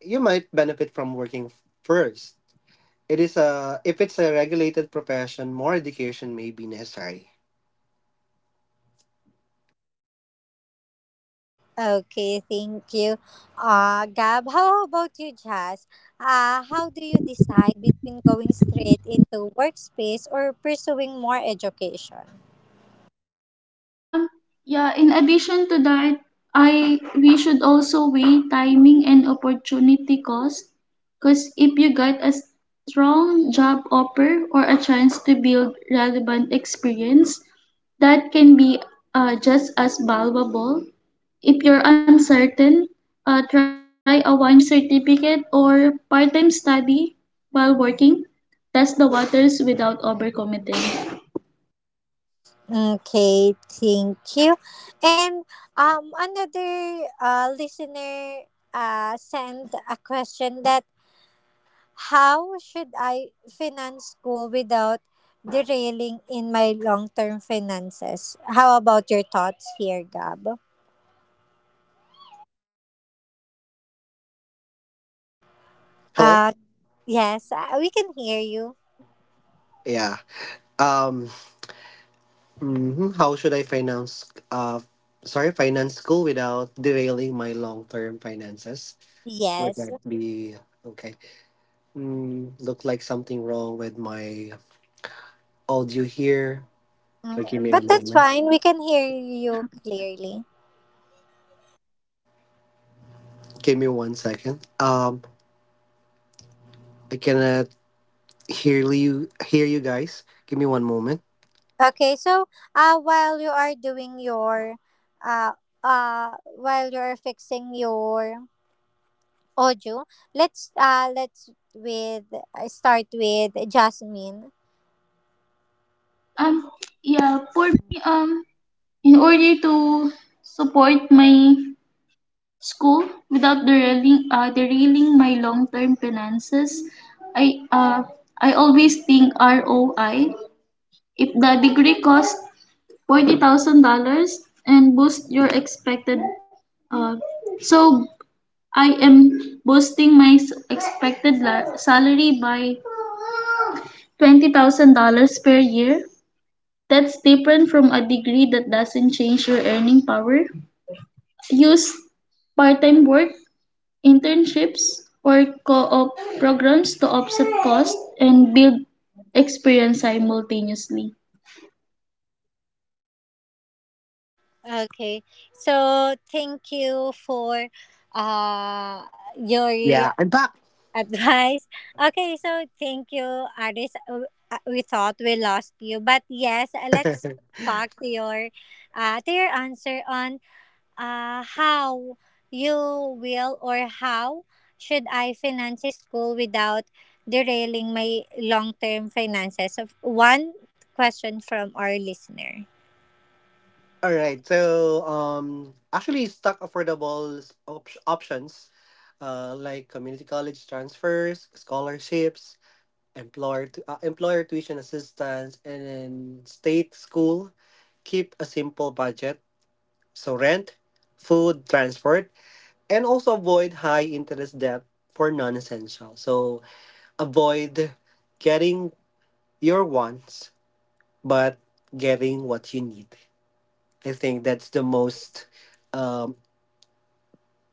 you might benefit from working first. It is a if it's a regulated profession, more education may be necessary. Okay, thank you. Gab, how about you, Jazz? How do you decide between going straight into workspace or pursuing more education? Um, yeah, in addition to that, I we should also weigh timing and opportunity cost. Because if you get a strong job offer or a chance to build relevant experience, that can be just as valuable. If you're uncertain, try a 1 year certificate or part time study while working. Test the waters without overcommitting. Okay, thank you. And another listener sent a question that how should I finance school without derailing in my long-term finances? How about your thoughts here, Gab? Hello. Uh, Yes, we can hear you. Yeah. Um. Mhm, How should I finance? Sorry, finance school without derailing my long-term finances. Would Yes. that be okay? Mm, look like something wrong with my audio here. But Okay. give me a But that's moment. fine. We can hear you clearly. Give me 1 second. I cannot hear you. Hear you guys. Give me one moment. Okay, so while you are doing your uh while you're fixing your Oju. Let's with start with Jasmine. Um, yeah, for me, in order to support my school without derailing derailing my long-term finances, I uh, I always think ROI. If the degree costs $40,000 and boost your expected, uh, so I am boosting my expected salary by $20,000 per year. That's different from a degree that doesn't change your earning power. Use part-time work, internships, or co-op programs to offset costs and build experience simultaneously. Okay. So thank you for uh your Yeah, I'm back. advice. Okay, so thank you, Aris. We thought we lost you, but yes, let's go back to your answer on how you will or how should I finance school without derailing my long-term finances. So one question from our listener. All right. So actually, stock affordable options, like community college transfers, scholarships, employer employer tuition assistance, and then state school. Keep a simple budget, so rent, food, transport, and also avoid high interest debt for non essential. So avoid getting your wants, but getting what you need. I think that's the most um,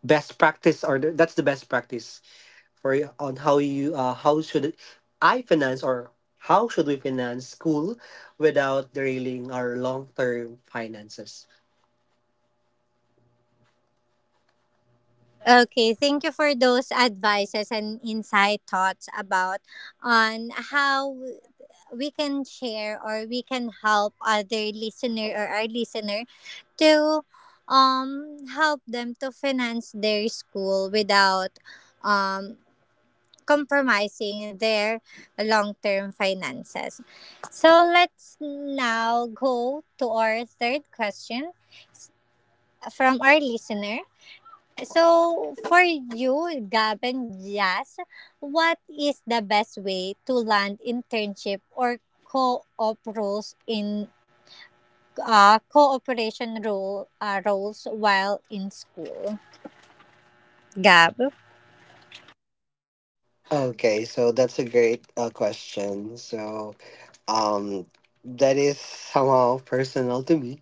best practice, or the, that's the best practice for you on how you how should I finance or how should we finance school without derailing our long term finances. Okay, thank you for those advices and insight thoughts about on how we can share or we can help other listener or our listener to help them to finance their school without um compromising their long-term finances. So let's now go to our third question from our listener. So for you, Gab and Jazz, what is the best way to land internship or co-op roles in cooperation role roles while in school. Gab. Okay, so that's a great question. So, um, that is somehow personal to me,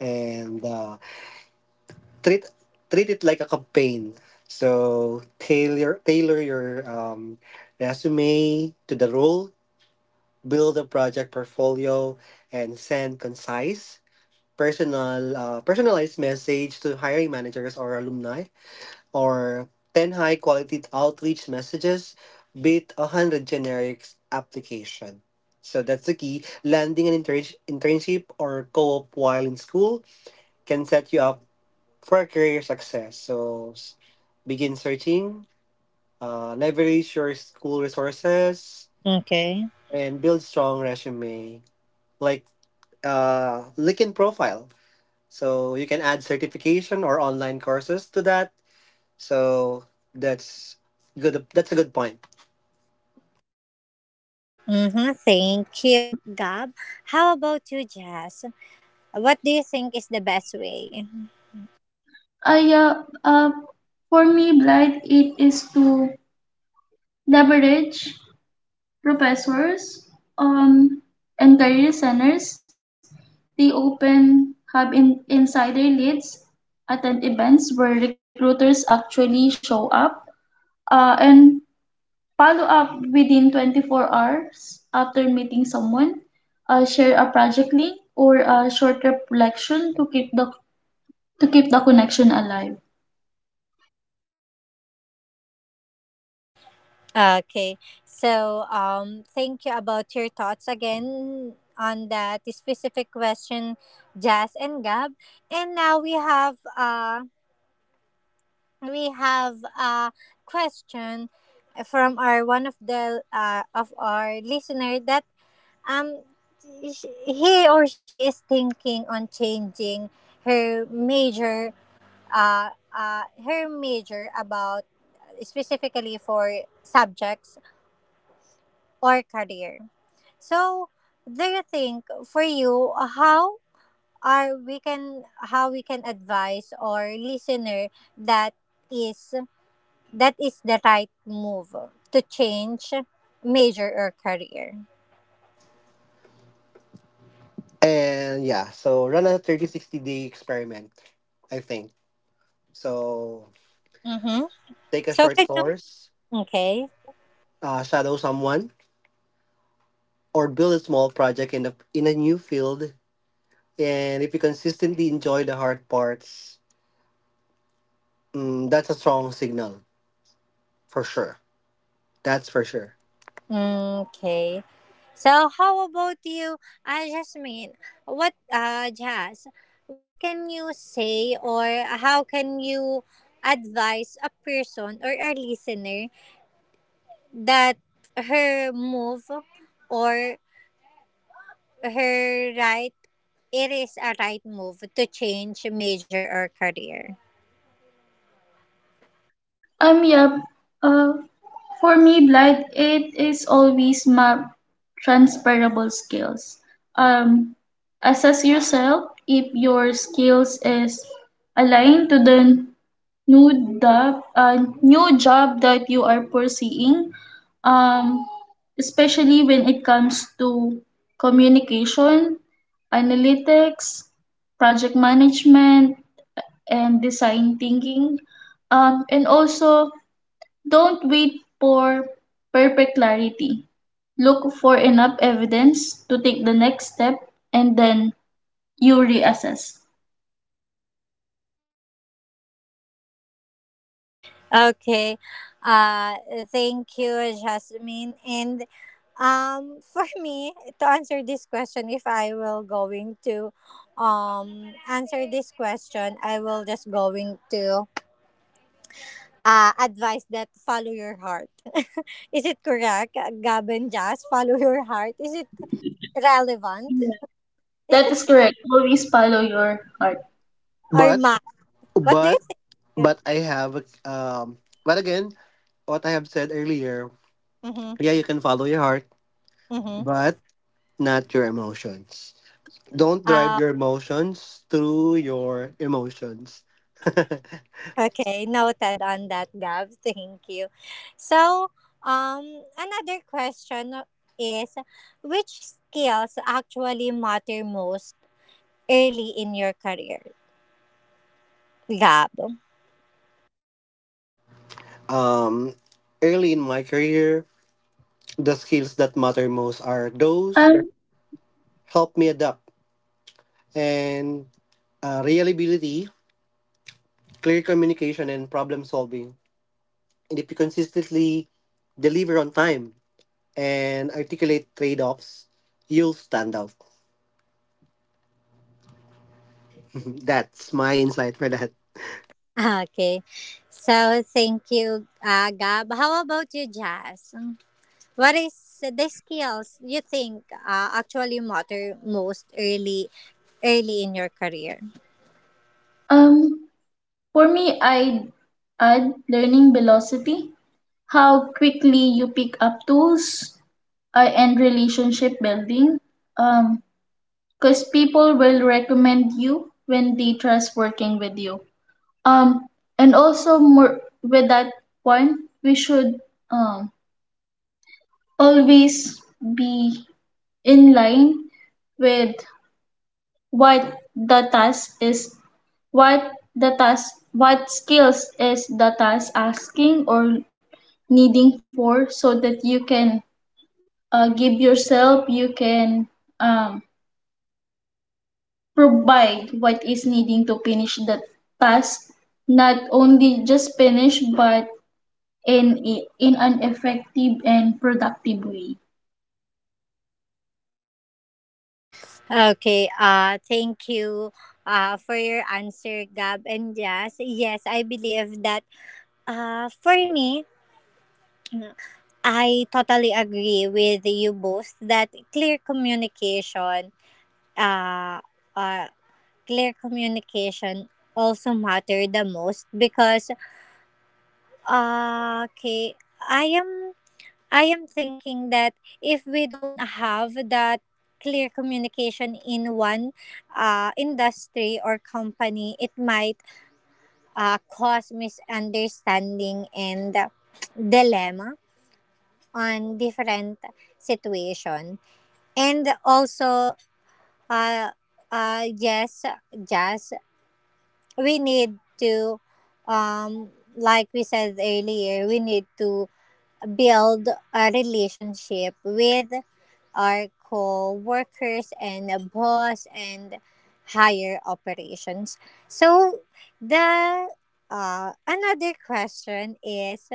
and treat it like a campaign. So tailor your resume to the role, build a project portfolio, and send concise, personalized message to hiring managers or alumni or 10 high quality outreach messages, beat 100 generic application. So that's the key. Landing an internship or co-op while in school can set you up for career success. So begin searching, leverage your school resources, Okay. and build strong resume like LinkedIn profile. So you can add certification or online courses to that. So that's good. That's a good point. Mm-hmm. Thank you, Gab. How about you, Jazz? What do you think is the best way? Uh, yeah, uh, for me, Blight, it is to leverage professors um, and career centers. They open have insider leads, attend events where recruiters actually show up, and follow up within 24 hours after meeting someone. Share a project link or a short reflection to keep the connection alive. Okay. So, thank you about your thoughts again on that specific question, Jazz and Gab. And now we have a question from our one of the of our listener that um sh- he or she is thinking on changing her major her major about specifically for subjects or career so do you think for you how are we can how we can advise our listener that is is the right move to change major or career And yeah, so run a 3060 day experiment, I think. So mm-hmm. take a So short can you course, okay shadow someone, or build a small project in a new field. And if you consistently enjoy the hard parts, that's a strong signal for sure. That's for sure. Mm, okay. So how about you, Jasmine? Jazz? What can you say or how can you advise a person or a listener that her move or her right it is a right move to change major or career? Um, yeah, uh, For me, Blind, it is always my transferable skills. Um, Assess yourself if your skills is aligned to the new job that you are pursuing. Um, Especially when it comes to communication, analytics, project management, and design thinking. And also don't wait for perfect clarity. Look for enough evidence to take the next step and then you reassess. Okay. Uh, thank you, Jasmine. And for me to answer this question, if I will going to answer this question, I will just going to advise that follow your heart. Is it correct, Gab and Jas? Follow your heart. Is it relevant? Yeah. Is That it is correct. Always follow your heart. or But, ma? What do you but, think? Yeah. but I have, but again, what I have said earlier, Mm-hmm. yeah, you can follow your heart, Mm-hmm. but not your emotions. Don't Uh, drive your emotions through your emotions. okay, noted on that, Gab. Thank you. So, another question is which skills actually matter most early in your career, Gab? um, Early in my career, the skills that matter most are those Um, that help me adapt, and reliability, clear communication, and problem solving. And if you consistently deliver on time and articulate trade offs, you'll stand out. That's my insight for that. Okay, so thank you, Gab. How about you, Jazz? What is the skills you think actually matter most early in your career? um, for me, I add learning velocity, how quickly you pick up tools, and relationship building. Um, because people will recommend you when they trust working with you. Um, and also more with that point, we should um, always be in line with what the task is, what skills is the task asking or needing for, so that you can give yourself, you can um, provide what is needing to finish the task, not only just finish but in in an effective and productive way. Okay, thank you for your answer, Gab and Jazz. Yes, I believe that for me, I totally agree with you both that uh, uh, clear communication also matter the most because, okay, I am I am thinking that if we don't have that clear communication in one industry or company, it might cause misunderstanding and dilemma on different situation. And also, uh, yes, just we need to, um, like we said earlier, we need to build a relationship with our co-workers and a boss and higher operations. So the another question is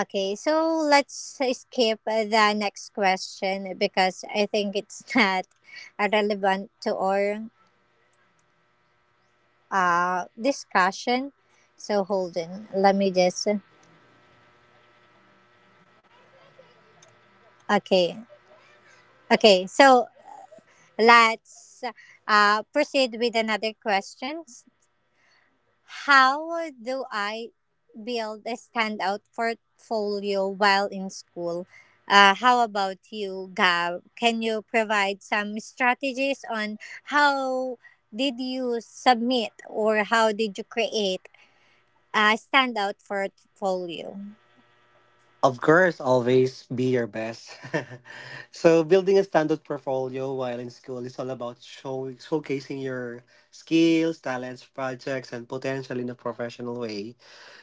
okay. So let's skip the next question because I think it's not relevant to our discussion. So hold on. Let me just okay. Okay. So let's proceed with another question. How do I build a standout portfolio while in school? How about you, Gab? Can you provide some strategies on how did you submit or how did you create a standout portfolio? Of course, always be your best. So, building a standout portfolio while in school is all about showcasing your skills, talents, projects, and potential in a professional way.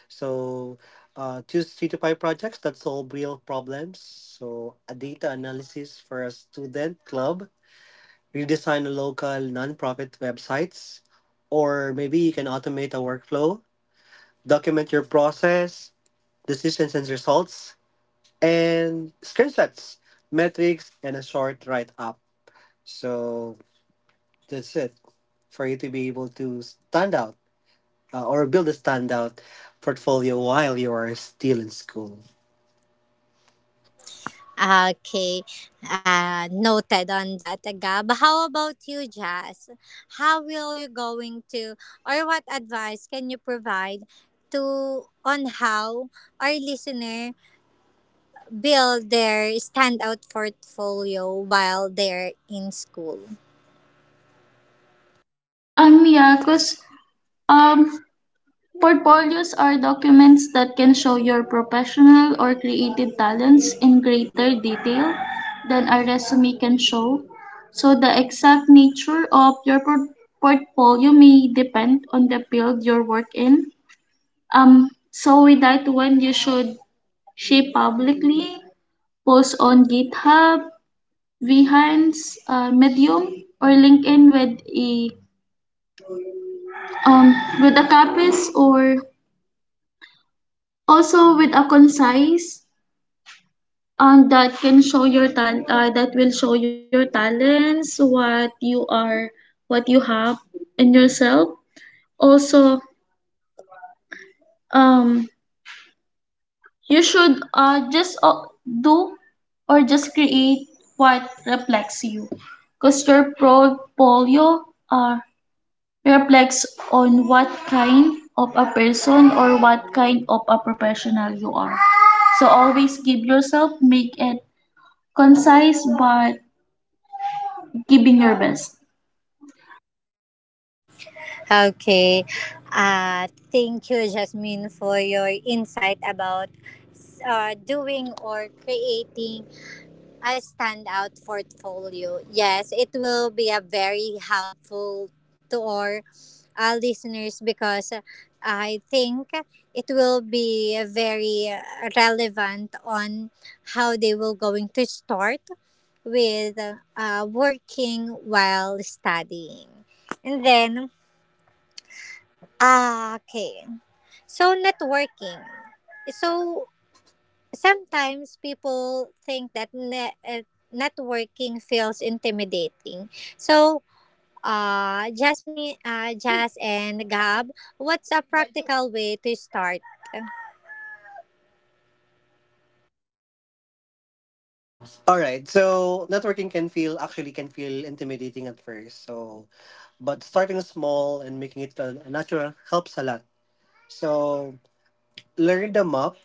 So, choose 3 to 5 projects that solve real problems. So, a data analysis for a student club, redesign a local nonprofit websites, or maybe you can automate a workflow, document your process, decisions, and results and screenshots, metrics, and a short write up. So that's it for you to be able to stand out or build a standout portfolio while you are still in school. Okay, noted on that, Gab. How about you, Jazz? How will you going to, or what advice can you provide to on how our listener build their standout portfolio while they're in school? Yeah, because um, portfolios are documents that can show your professional or creative talents in greater detail than a resume can show. So the exact nature of your portfolio may depend on the field you work in. So with that one, you should share publicly, post on GitHub, Behance, Medium, or LinkedIn with a um, capis, or also with a concise that will show your talents, what you are, what you have in yourself. Also, um, you should, just do or just create what reflects you, because your portfolio are reflects on what kind of a person or what kind of a professional you are. So always give yourself, make it concise, but giving your best. Okay, uh, thank you, Jasmine, for your insight about doing or creating a standout portfolio. Yes, it will be a very helpful to our listeners because I think it will be very relevant on how they will going to start with working while studying. And then, ah, okay. So networking. So sometimes people think that networking feels intimidating. So, Jasmine, Jas and Gab, what's a practical way to start? All right, so networking can feel actually can feel intimidating at first. So, but starting small and making it a natural helps a lot. So learn them up,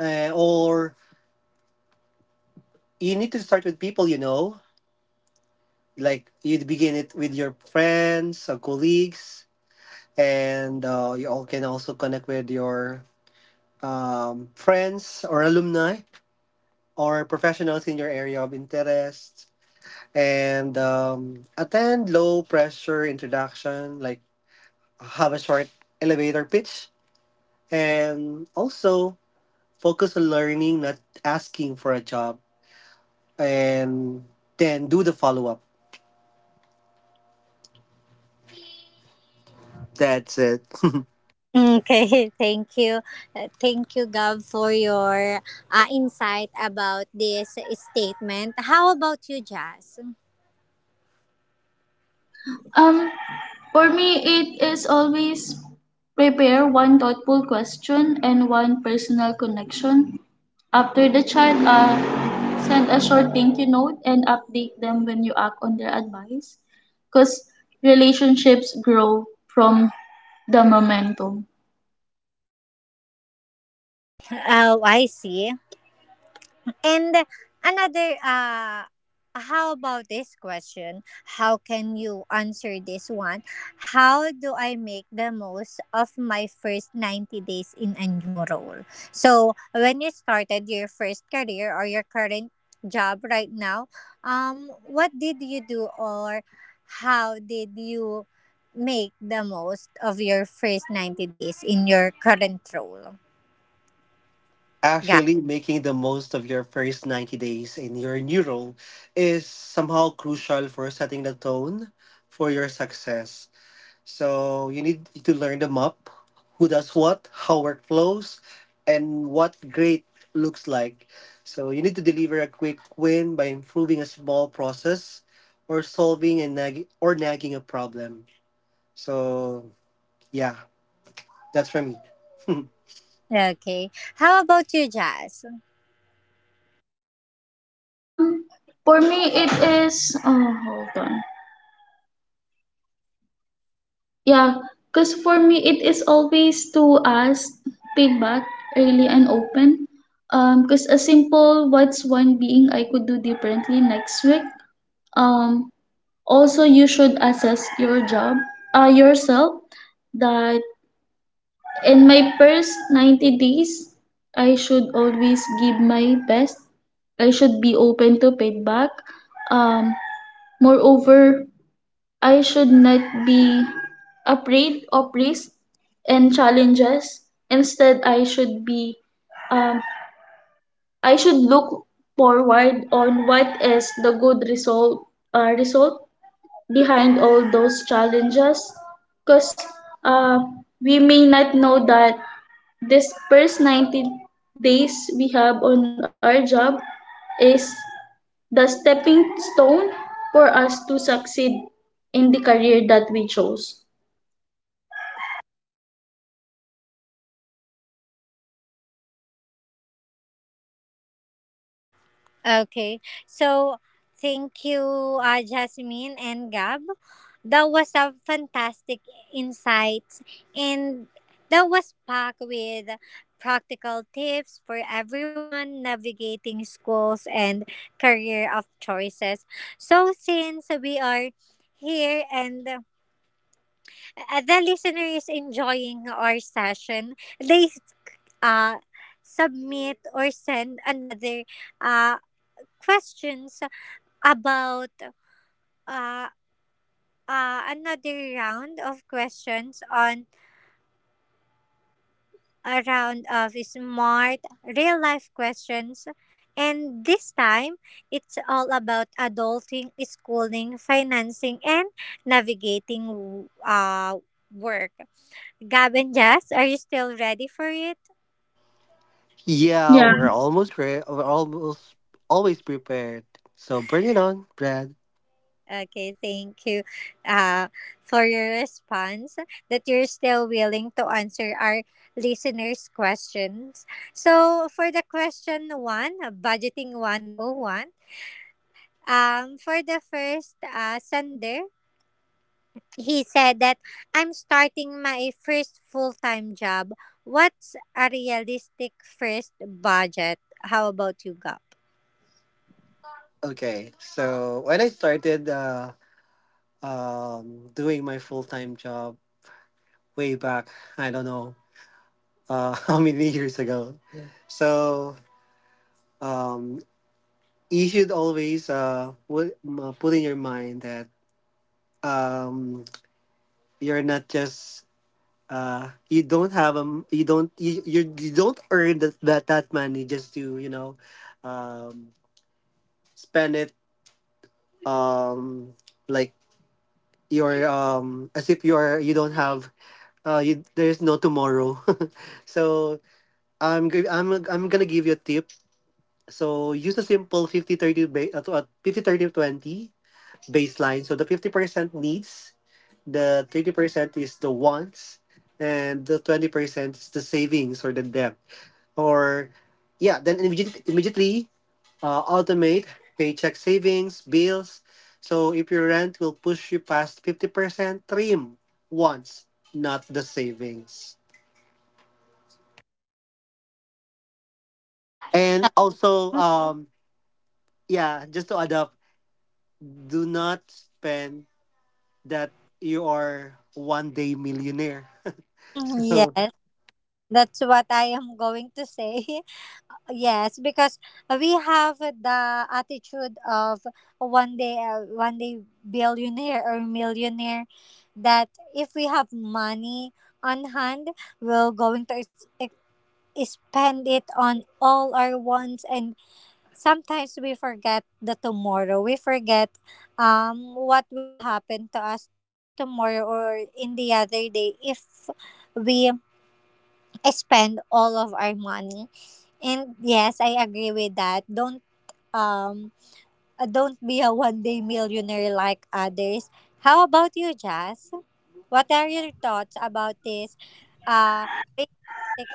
or you need to start with people you know. Like you'd begin it with your friends or colleagues, and you all can also connect with your friends or alumni or professionals in your area of interest, and attend low pressure introduction like have a short elevator pitch, and also focus on learning not asking for a job, and then do the follow-up. That's it. Okay, thank you. Thank you, Gab, for your insight about this statement. How about you, Jazz? Um, for me, it is always prepare one thoughtful question and one personal connection. After the chat, send a short thank you note and update them when you act on their advice, because relationships grow from the momentum. Oh, I see. And another, how about this question? How can you answer this one? How do I make the most of my first 90 days in a new role? So, when you started your first career or your current job right now, what did you do or how did you make the most of your first 90 days in your current role? Yeah. Actually, making the most of your first 90 days in your new role is somehow crucial for setting the tone for your success. So, you need to learn the map, who does what, how work flows, and what great looks like. So, you need to deliver a quick win by improving a small process or solving and nag- or nagging a problem. So, yeah, that's for me. Okay. How about you, Jazz? Um, for me, it is. Oh, hold on. Yeah, because for me, it is always to ask feedback early and open. Because a simple "What's one being I could do differently next week?" Um, Also you should assess your job, yourself. That in my first 90 days, I should always give my best. I should be open to feedback. Um, Moreover, I should not be afraid of risks and challenges. Instead, I should be um, I should look forward on what is the good result result behind all those challenges, because uh, we may not know that this first 90 days we have on our job is the stepping stone for us to succeed in the career that we chose. Okay. So, thank you, Jasmine and Gab. That was a fantastic insights and that was packed with practical tips for everyone navigating schools and career of choices. So, since we are here and the listener is enjoying our session, they uh, submit or send another uh, questions about uh, another round of questions on a round of smart real life questions. And this time, it's all about adulting, schooling, financing, and navigating work. Gab and Jess, are you still ready for it? Yeah, Yeah. We're almost always prepared. So bring it on, Brad. Okay, thank you uh, for your response that you're still willing to answer our listeners' questions. So, for the question one, budgeting 101, for the first sender, he said that I'm starting my first full time job. What's a realistic first budget? How about you, Gab? Okay. So when I started doing my full-time job way back, I don't know, how many years ago. So um you should always put in your mind that um you're not just you don't earn that money just to um spend it um like you're as if you're you don't have you, there's no tomorrow. so I'm gi- I'm gonna give you a tip. So use a simple 50 30 ba- to- 50 30 20 baseline. So the 50% needs, the 30% is the wants, and the 20% is the savings or the debt, or yeah, then immediately, automate paycheck savings, bills. So if your rent will push you past 50%, trim once, not the savings. And also, yeah, just to add up, do not spend that you are one day millionaire. Mm, So yes, that's what I am going to say. Yes, because we have the attitude of one day billionaire or millionaire. That if we have money on hand, we're going to spend it on all our wants, and sometimes we forget the tomorrow. We forget what will happen to us tomorrow or in the other day if we spend all of our money. And yes, I agree with that. Um don't be a one day millionaire like others. How about you, Jazz? What are your thoughts about this uh realistic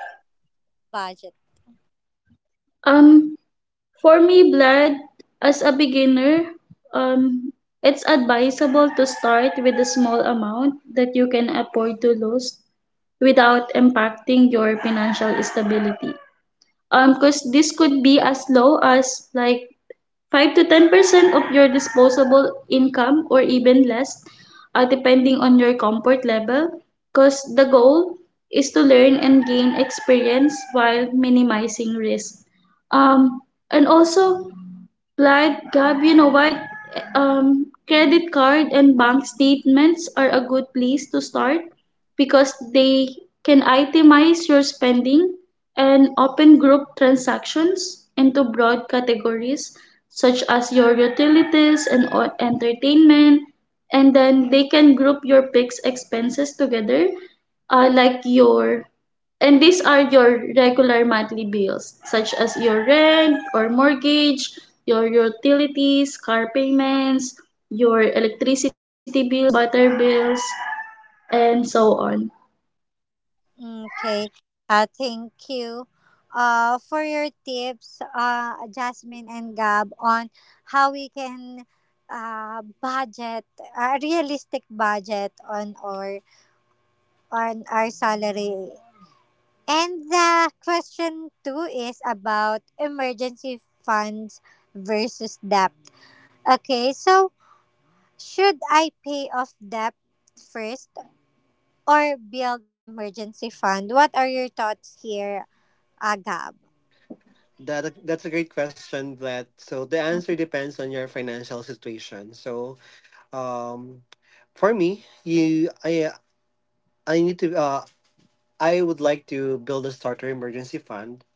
budget? Um, for me, Vlad, as a beginner, um, it's advisable to start with a small amount that you can afford to lose without impacting your financial stability. Because this could be as low as like 5 to 10% of your disposable income or even less, depending on your comfort level, because the goal is to learn and gain experience while minimizing risk. Um, and also, Clyde, Gab, you know what? Credit card and bank statements are a good place to start, because they can itemize your spending and open group transactions into broad categories such as your utilities and entertainment. And then they can group your fixed expenses together, like your and these are your regular monthly bills, such as your rent or mortgage, your utilities, car payments, your electricity bills, water bills, and so on. Okay. Thank you. For your tips, Jasmine and Gab on how we can budget a realistic budget on our salary. And the question two is about emergency funds versus debt. Okay, so should I pay off debt first or build an emergency fund? What are your thoughts here, Agab? that's a great question, Vlad. So the answer depends on your financial situation. So um, for me, you I need to. I would like to build a starter emergency fund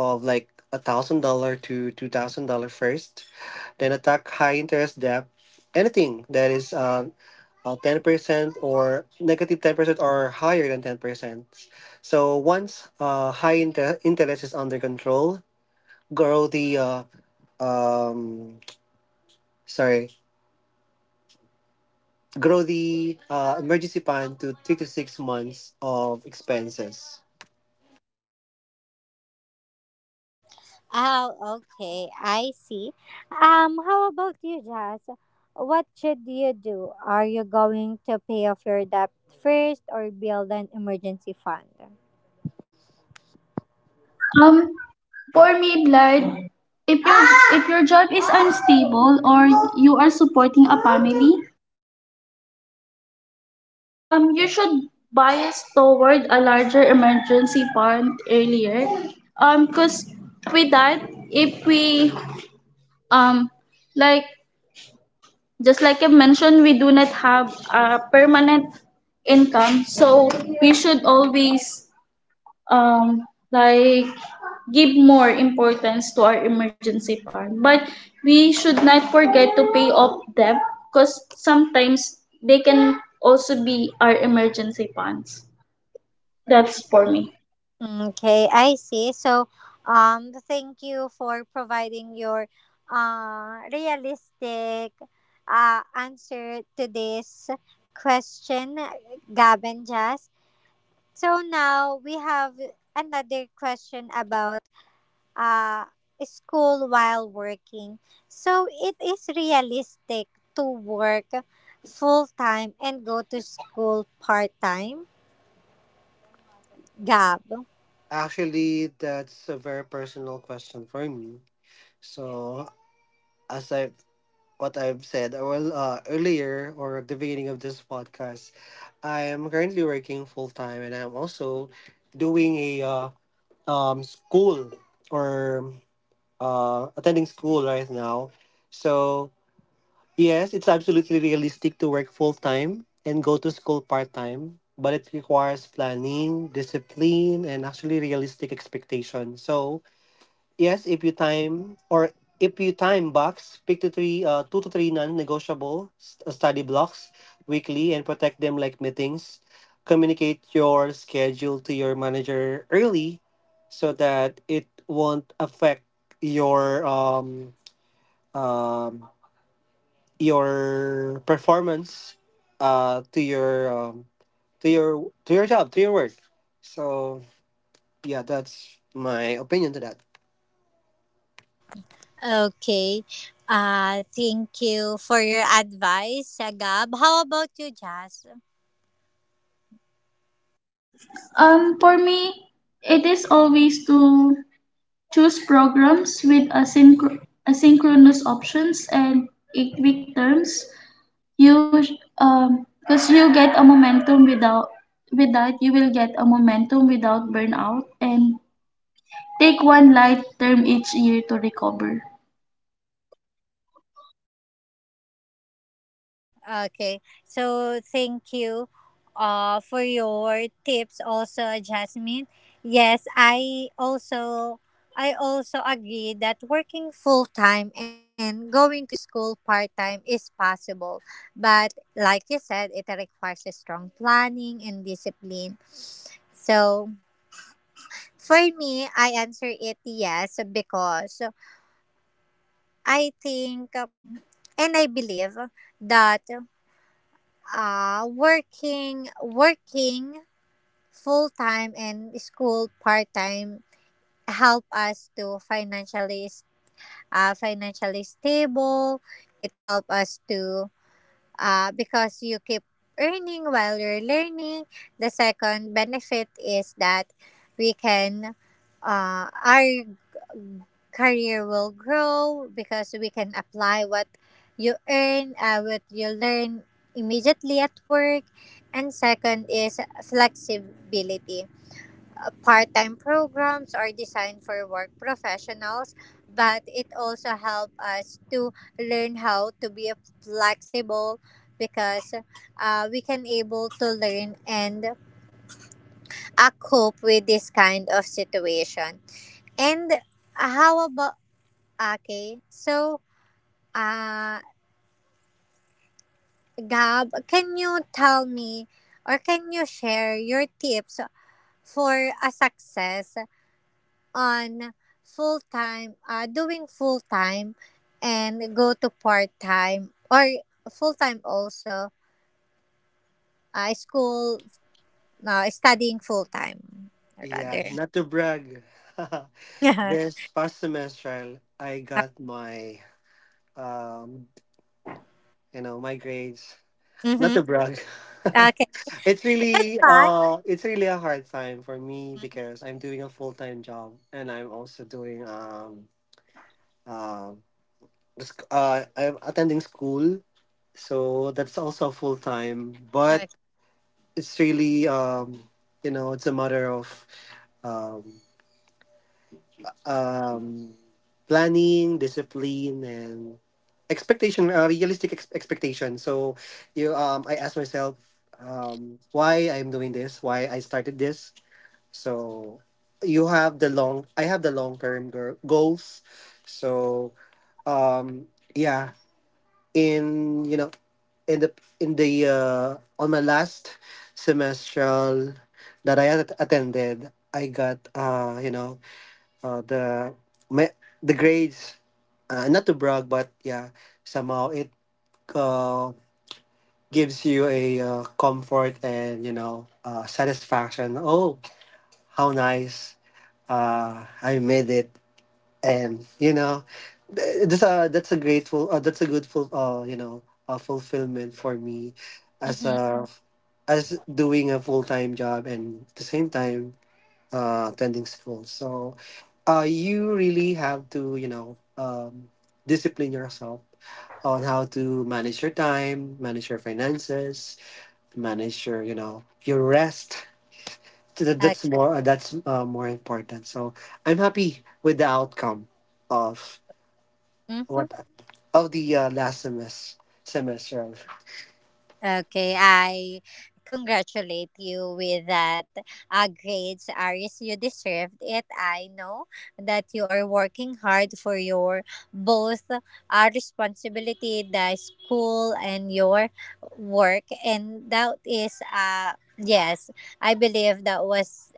of like $1,000 to $2,000 first, then attack high interest debt, anything that is 10% or negative 10% or higher than 10%. So once interest is under control, grow the uh um sorry grow the emergency fund to 3 to 6 months of expenses. Oh, okay, I see. How about you, Jazz? What should you do? Are you going to pay off your debt first or build an emergency fund? Um, for me, Blood, if your job is unstable or you are supporting a family, you should bias toward a larger emergency fund earlier. Because with that, if we um like just like I mentioned, we do not have a permanent income, so we should always um like give more importance to our emergency fund. But we should not forget to pay off debt, because sometimes they can also be our emergency funds. That's for me. Okay, I see. So, thank you for providing your realistic answer to this question, Gab and Jazz. So now we have another question about uh, school while working. So it is realistic to work full time and go to school part time, Gab. Actually, that's a very personal question for me. So, as I what I've said earlier, or at the beginning of this podcast, I am currently working full time, and I'm also doing a school, or attending school right now. So yes, it's absolutely realistic to work full time and go to school part time, but it requires planning, discipline, and actually realistic expectation. So yes, if you time box, pick two to three non-negotiable study blocks weekly and protect them like meetings. Communicate your schedule to your manager early so that it won't affect your um, um, your performance, uh, to your um, to your work. So yeah, that's my opinion to that. Okay. Thank you for your advice, Agab. How about you, Jazz? For me, it is always to choose programs with asynchronous options and eight-week terms you because you get a momentum without without you will get a momentum without burnout. And take one light term each year to recover. Okay. So, thank you for your tips also, Jasmine. Yes, I also agree that working full time and going to school part time is possible. But like you said, it requires a strong planning and discipline. So for me, I answer it yes because I think and I believe that working working full time and school part time help us to financially financially stable. It help us to because you keep earning while you're learning. The second benefit is that we can our career will grow because we can apply what you earn, what you learn immediately at work. And second is flexibility. Part time programs are designed for work professionals, but it also helps us to learn how to be flexible because we can able to learn and cope with this kind of situation. And how about okay? So uh, Gab, can you tell me or can you share your tips for a success on full time, doing full time and go to part time or full time also, school, studying full time Yeah, rather? not to brag. Yeah. This past semester, I got um, my grades. Not Mm-hmm. to brag. Okay. it's really, Bye. uh, it's really a hard time for me, Mhm. because I'm doing a full time job, and I'm also doing um, I'm attending school, so that's also full time. But Okay. it's really, you know, it's a matter of um um, planning, discipline, and realistic expectation. So, I asked myself, why I'm doing this, why I started this. So, you have the long, I have the long term goals. So, um, yeah, in you know, in the in the on my last semestral that I had attended, I got uh, the me- the grades, not to brag, but yeah, somehow it uh, gives you a comfort and satisfaction. Oh, how nice, I made it. And that's a grateful, that's a good full fulfillment, for me as Mm-hmm. a as doing a full-time job, and at the same time attending school. So, you really have to, discipline yourself on how to manage your time, manage your finances, manage your rest. Okay. That's more important. So I'm happy with the outcome of Mm-hmm. what of the last semester. Okay, I congratulate you with that grades, Aris. You deserved it. I know that you are working hard for your both responsibility, the school and your work, and that is yes, I believe that was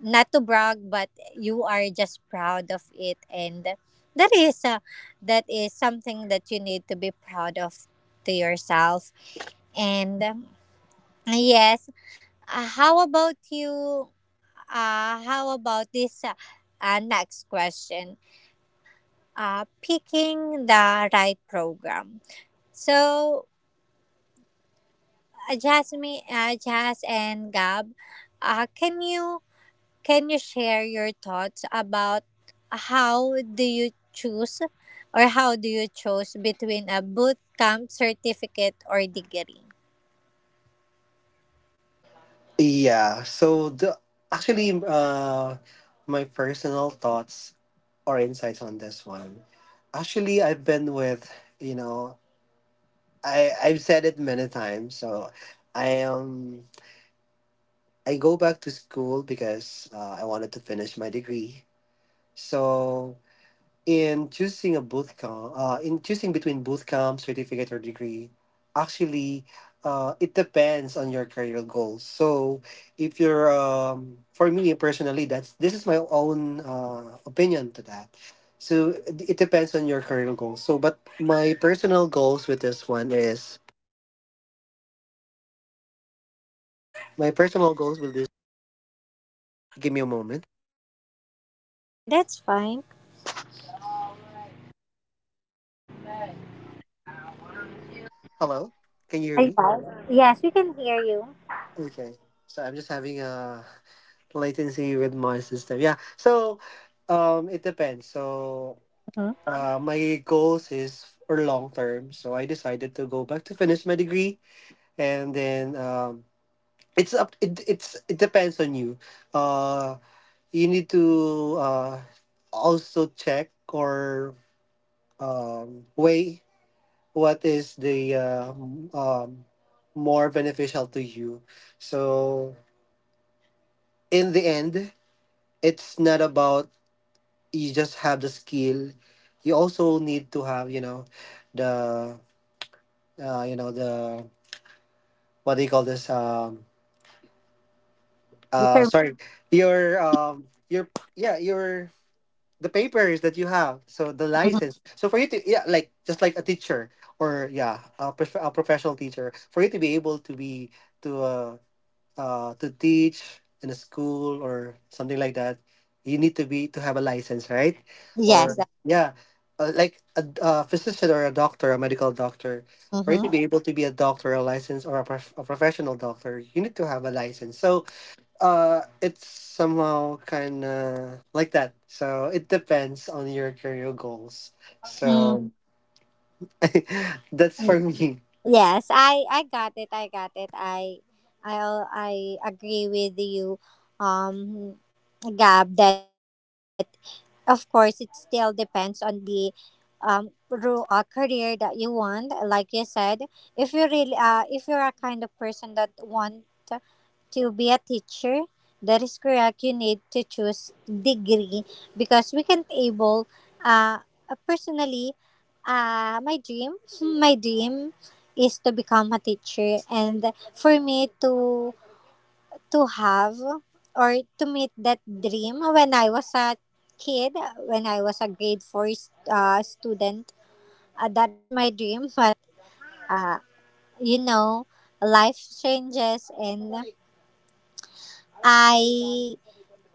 not to brag, but you are just proud of it, and that is uh, that is something that you need to be proud of to yourself and. Yes. How about you? How about this next question? Picking the right program. So, Jasmine, Jas and Gab, uh, can you can you share your thoughts about how do you choose or how do you choose between a boot camp certificate or degree? Yeah. So the actually, my personal thoughts or insights on this one. Actually, I've been with, you know, I've said it many times. So I um I go back to school because I wanted to finish my degree. So in choosing between boot camp, certificate, or degree, actually, it depends on your career goals. So, if you're, for me personally, that's this is my own opinion to that. So it depends on your career goals. So, but my personal goals with this one is my personal goals with this. Give me a moment. Okay, that's fine. Hello, can you hear me? Yes, yes, we can hear you. Okay. So I'm just having a latency with my system. Yeah. So, it depends. So Mhm. uh my goals is for long term. So I decided to go back to finish my degree, and then it's up it, it's it depends on you. Uh you need to also check, or weigh what is more beneficial to you. So in the end, it's not about you just have the skill, you also need to have the, the, what do you call this, Determine. sorry your, your, the papers that you have, so the license. So for you to, like, just like a teacher, or yeah, a professional teacher, for you to be able to be to uh, to teach in a school or something like that, you need to be to have a license, right? Or Yes. mhm. Yeah, like a physician, or a doctor, a medical doctor, for you to Mm-hmm. be able to be a doctor, a license, or a professional doctor, you need to have a license. So, it's somehow kind of like that. So it depends on your career goals. Mm. So that's for me. Yes, I got it. I got it. I I agree with you, um, Gab. That of course, it still depends on the career that you want. Like you said, if you really if you're a kind of person that want to be a teacher that is correct you need to choose degree because we can't able uh personally my dream my dream is to become a teacher and for me to have or to meet that dream when I was a kid, when I was a grade four student. That is my dream, but uh, you know, life changes, and I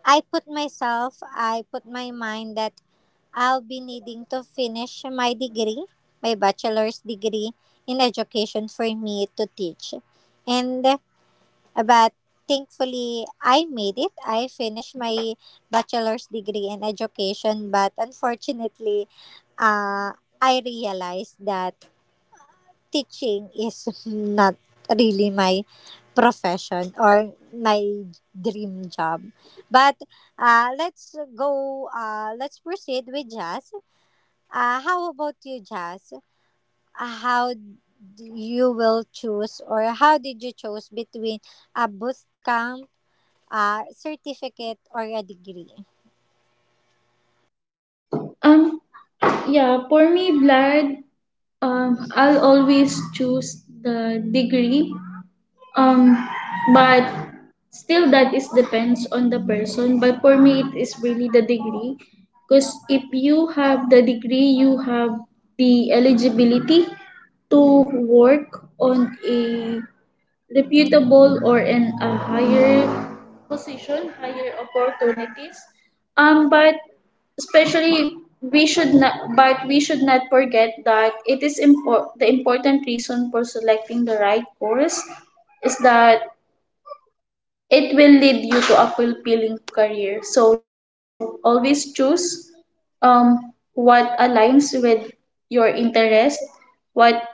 I put myself, I put my mind that I'll be needing to finish my degree, my bachelor's degree in education for me to teach, and but thankfully, I made it. I finished my bachelor's degree in education, but unfortunately, uh, I realized that teaching is not really my profession or my dream job. But let's go, let's proceed with Jazz. How about you, Jazz? Uh, how d- you will choose or how did you choose between a boot camp a certificate or a degree. um yeah for me, Vlad, I'll always choose the degree. Um, but still that is depends on the person. But for me, it is really the degree, because if you have the degree, you have the eligibility to work on a reputable or in a higher position, higher opportunities. Um, but especially but we should not forget that it is the important reason for selecting the right course is that it will lead you to a fulfilling career. So always choose um what aligns with your interest, what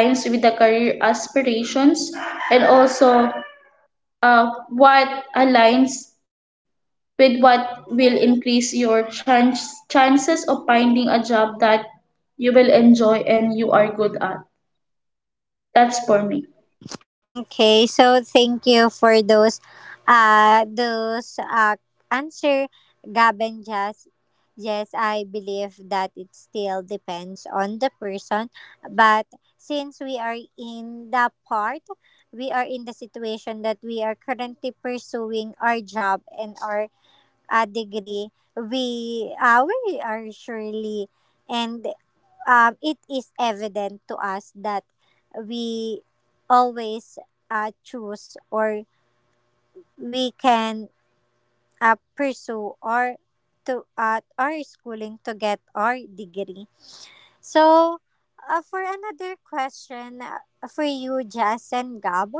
aligns with the career aspirations, and also what aligns with what will increase your chances of finding a job that you will enjoy and you are good at. That's for me. Okay, so thank you for those uh those uh answer Gavin just yes, I believe that it still depends on the person, but since we are in the part we are in the situation that we are currently pursuing our job and our degree, we are surely and it is evident to us that we always choose or we can pursue or to our schooling to get our degree. So, for another question for you, Jazz and Gab,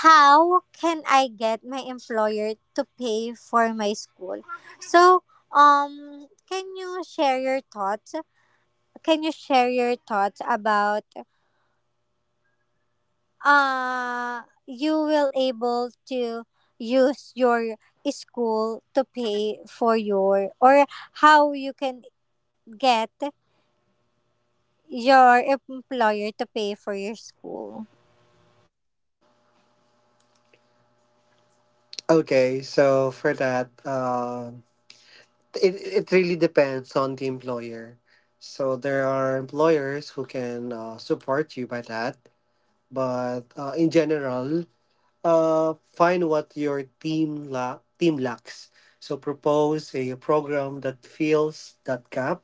how can I get my employer to pay for my school? So, can you share your thoughts? Can you share your thoughts about you will able to use your school to pay for your or how you can get your employer to pay for your school. Okay, so for that, it really depends on the employer. So there are employers who can support you by that, but in general, find what your team lacks. So propose a program that fills that gap,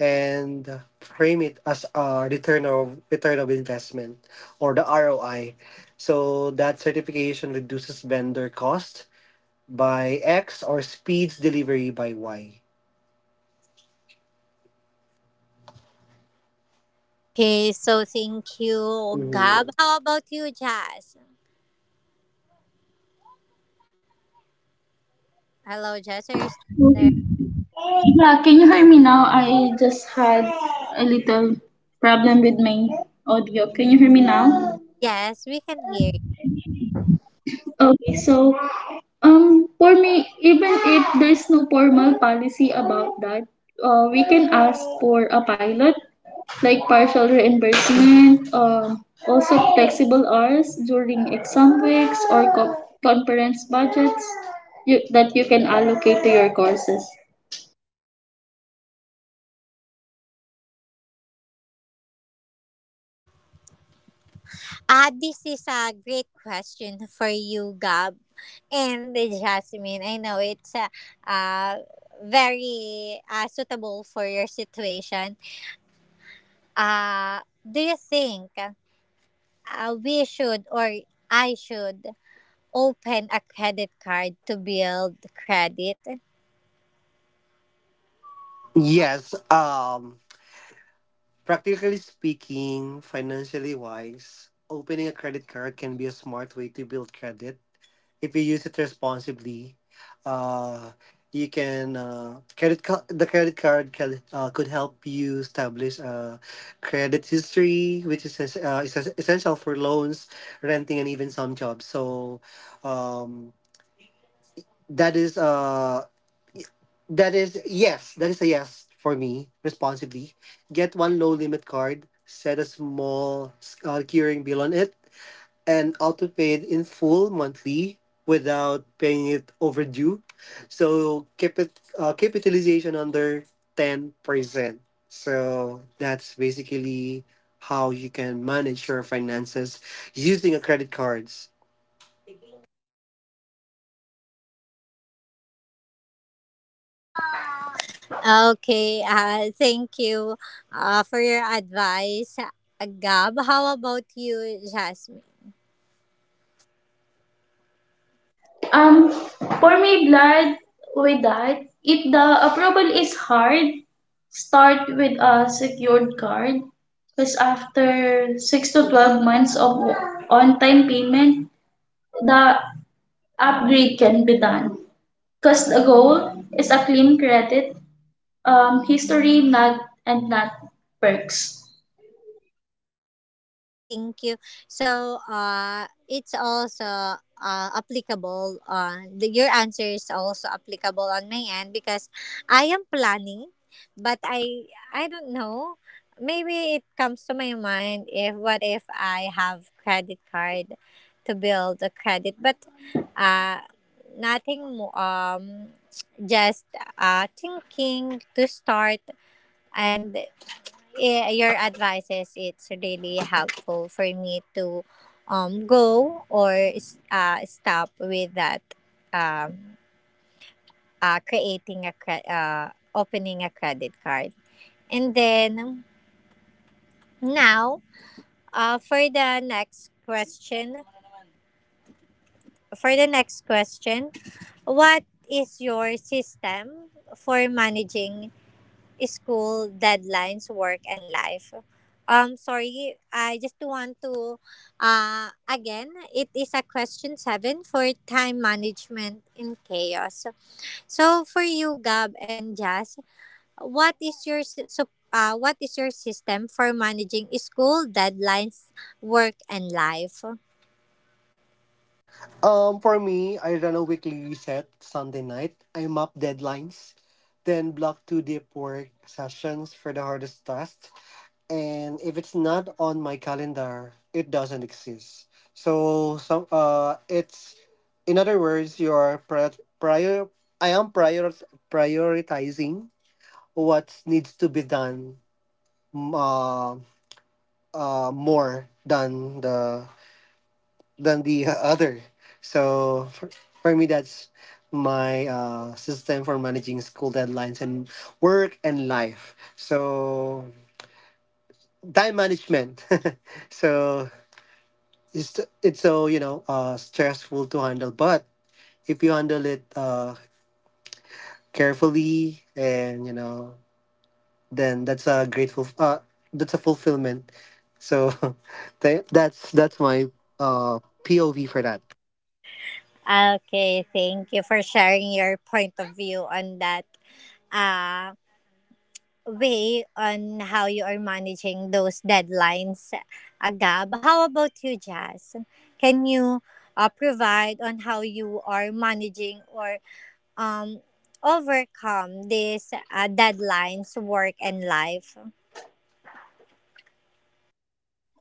and frame it as a return of investment, or the ROI. So that certification reduces vendor cost by X, or speeds delivery by Y. Okay, so thank you, Gab. How about you, Jazz? Hello, Jazz. Are you still there? Mhm. Yeah, can you hear me now? I just had a little problem with my audio. Can you hear me now? Yes, we can hear Okay, so for me, even if there's no formal policy about that, we can ask for a pilot, like partial reimbursement, also flexible hours during exam weeks or conference budgets that you can allocate to your courses. you. Mm-hmm, I see. Thank you, Jasmine. And ah, this is a great question for you, Gab and Jasmine. I know it's uh, very suitable for your situation. Do you think we should or I should open a credit card to build credit? Yes. Practically speaking, financially wise, opening a credit card can be a smart way to build credit if you use it responsibly. Uh, you can credit ca- The credit card could help you establish a credit history, which is essential for loans, renting, and even some jobs. So, um, that is. Uh, that is a yes for me, responsibly. Get one low limit card, set a small curing bill on it, and auto pay it in full monthly without paying it overdue. So keep it capitalization under 10%. So that's basically how you can manage your finances using a credit cards. Okay, thank you for your advice, Gab. How about you, Jasmine? Um, for me, Blood, with that, if the approval is hard, start with a secured card. Because after 6 to 12 months of on time payment, the upgrade can be done. Because the goal is a clean credit, history, not and not perks. Mm, I see. Thank you. So, it's also applicable. Your answer is also applicable on my end because I am planning, but I don't know. Maybe it comes to my mind if what if I have credit card to build a credit, but uh, nothing more. Just thinking to start and your advices it's really helpful for me to go or stop with that um creating a opening a credit card and then now for the next question for the next question what is your system for managing school deadlines, work, and life. Sorry, I just want to, again, it is a question 7 for time management in chaos. So for you, Gab and Jazz, what is your what is your system for managing school deadlines, work, and life? For me, I run a weekly reset Sunday night. I map deadlines, then block 2 deep work sessions for the hardest tasks. And if it's not on my calendar, it doesn't exist. So, some it's in other words, you're prior, prior I am prioritizing what needs to be done, m- uh, more than the other. So for me, that's my system for managing school deadlines and work and life. So time management. So it's so stressful to handle, but if you handle it carefully, and then that's a fulfillment. So that's my uh, POV for that. Okay, thank you for sharing your point of view on that. Uh, way on how you are managing those deadlines, Agab. How about you, Jazz? Can you provide on how you are managing or um, overcome these deadlines, work, and life?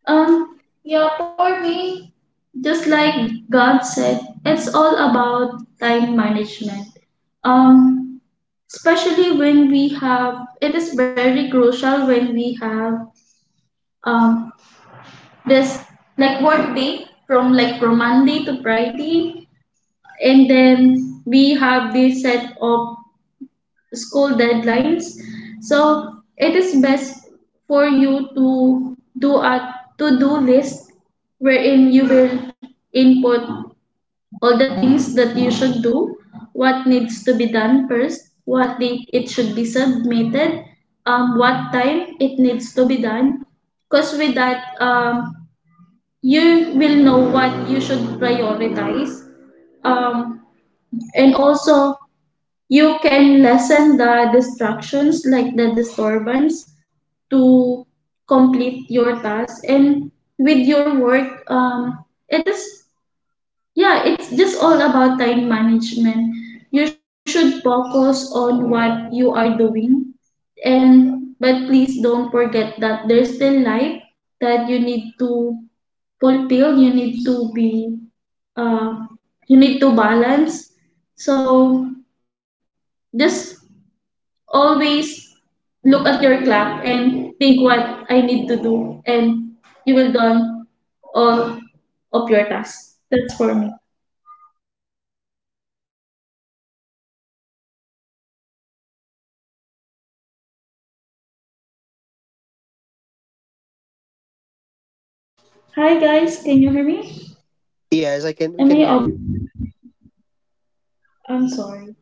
Yeah, for me, just like God said, it's all about time management. Um, Especially when we have it is very crucial when we have um this like work day from from Monday to Friday, and then we have this set of school deadlines. So it is best for you to do a to-do list wherein you will input all the things that you should do, what needs to be done first, what date it should be submitted, what time it needs to be done. Because with that, you will know what you should prioritize. Um, and also, you can lessen the distractions like the disturbance to complete your task. And with your work, it's just all about time management. You should focus on what you are doing, and but please don't forget that there's still life that you need to fulfill, you need to be, uh you need to balance. So just always look at your clock and think what I need to do and you will done all of your tasks. That's for me. Hi guys, can you hear me? Yes, I can. We Am I? can hear you. I'm sorry.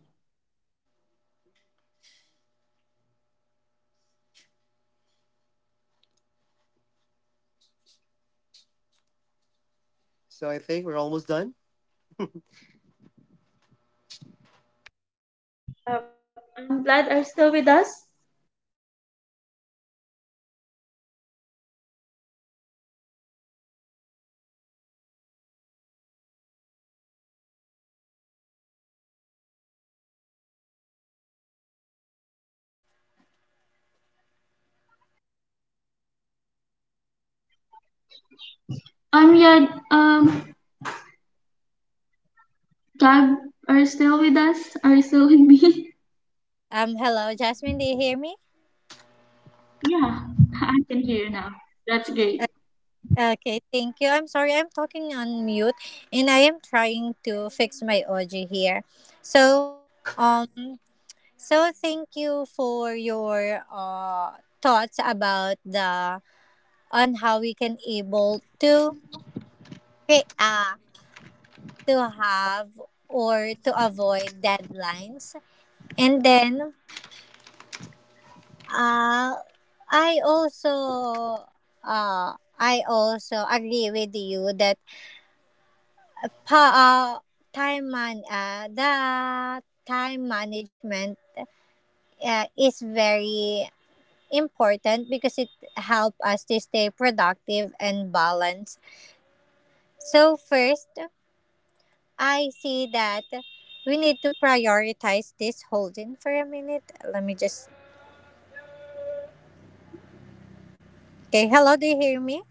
Hello, do you hear me? So I Hello. think we're almost done. Uh, I'm sorry, do you hear me? I I'm glad are still with us. can, yes, I can hear you. How about me? Do you hear me? Hello. Yeah. Gab, are you still with us? Are you still with me? Hello, Jasmine, do you hear me? Yeah. I can hear you now. That's great. Okay, thank you. I'm sorry, I'm talking on mute and I am trying to fix my audio here. So, um so thank you for your thoughts about the on how we can able to create to have or to avoid deadlines. And then uh I also I also agree with you that Pa- uh, time man the time management is very important because it help us to stay productive and balanced. So first, I see that we need to prioritize this Hold in for a minute. Let me just. Okay, hello, do you hear me?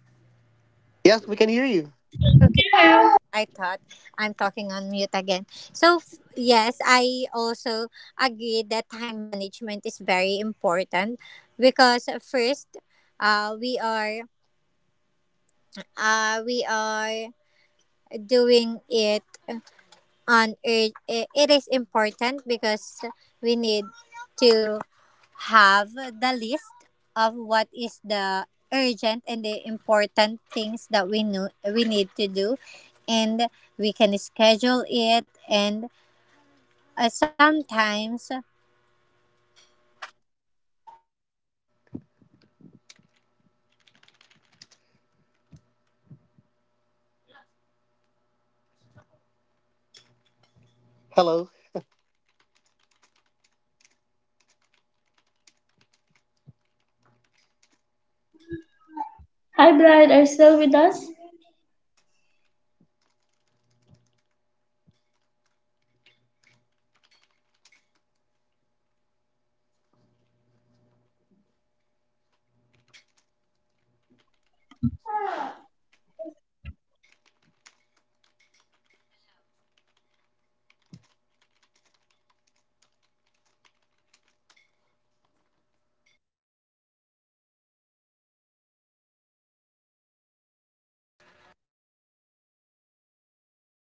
Yes, we can hear you. Okay. I thought I'm talking on mute again. So, yes, I also agree that time management is very important because first, uh, we are we are doing it on it is important because we need to have the list of what is the urgent and the important things that we know Hello. Hi, Brad. Are you still with us?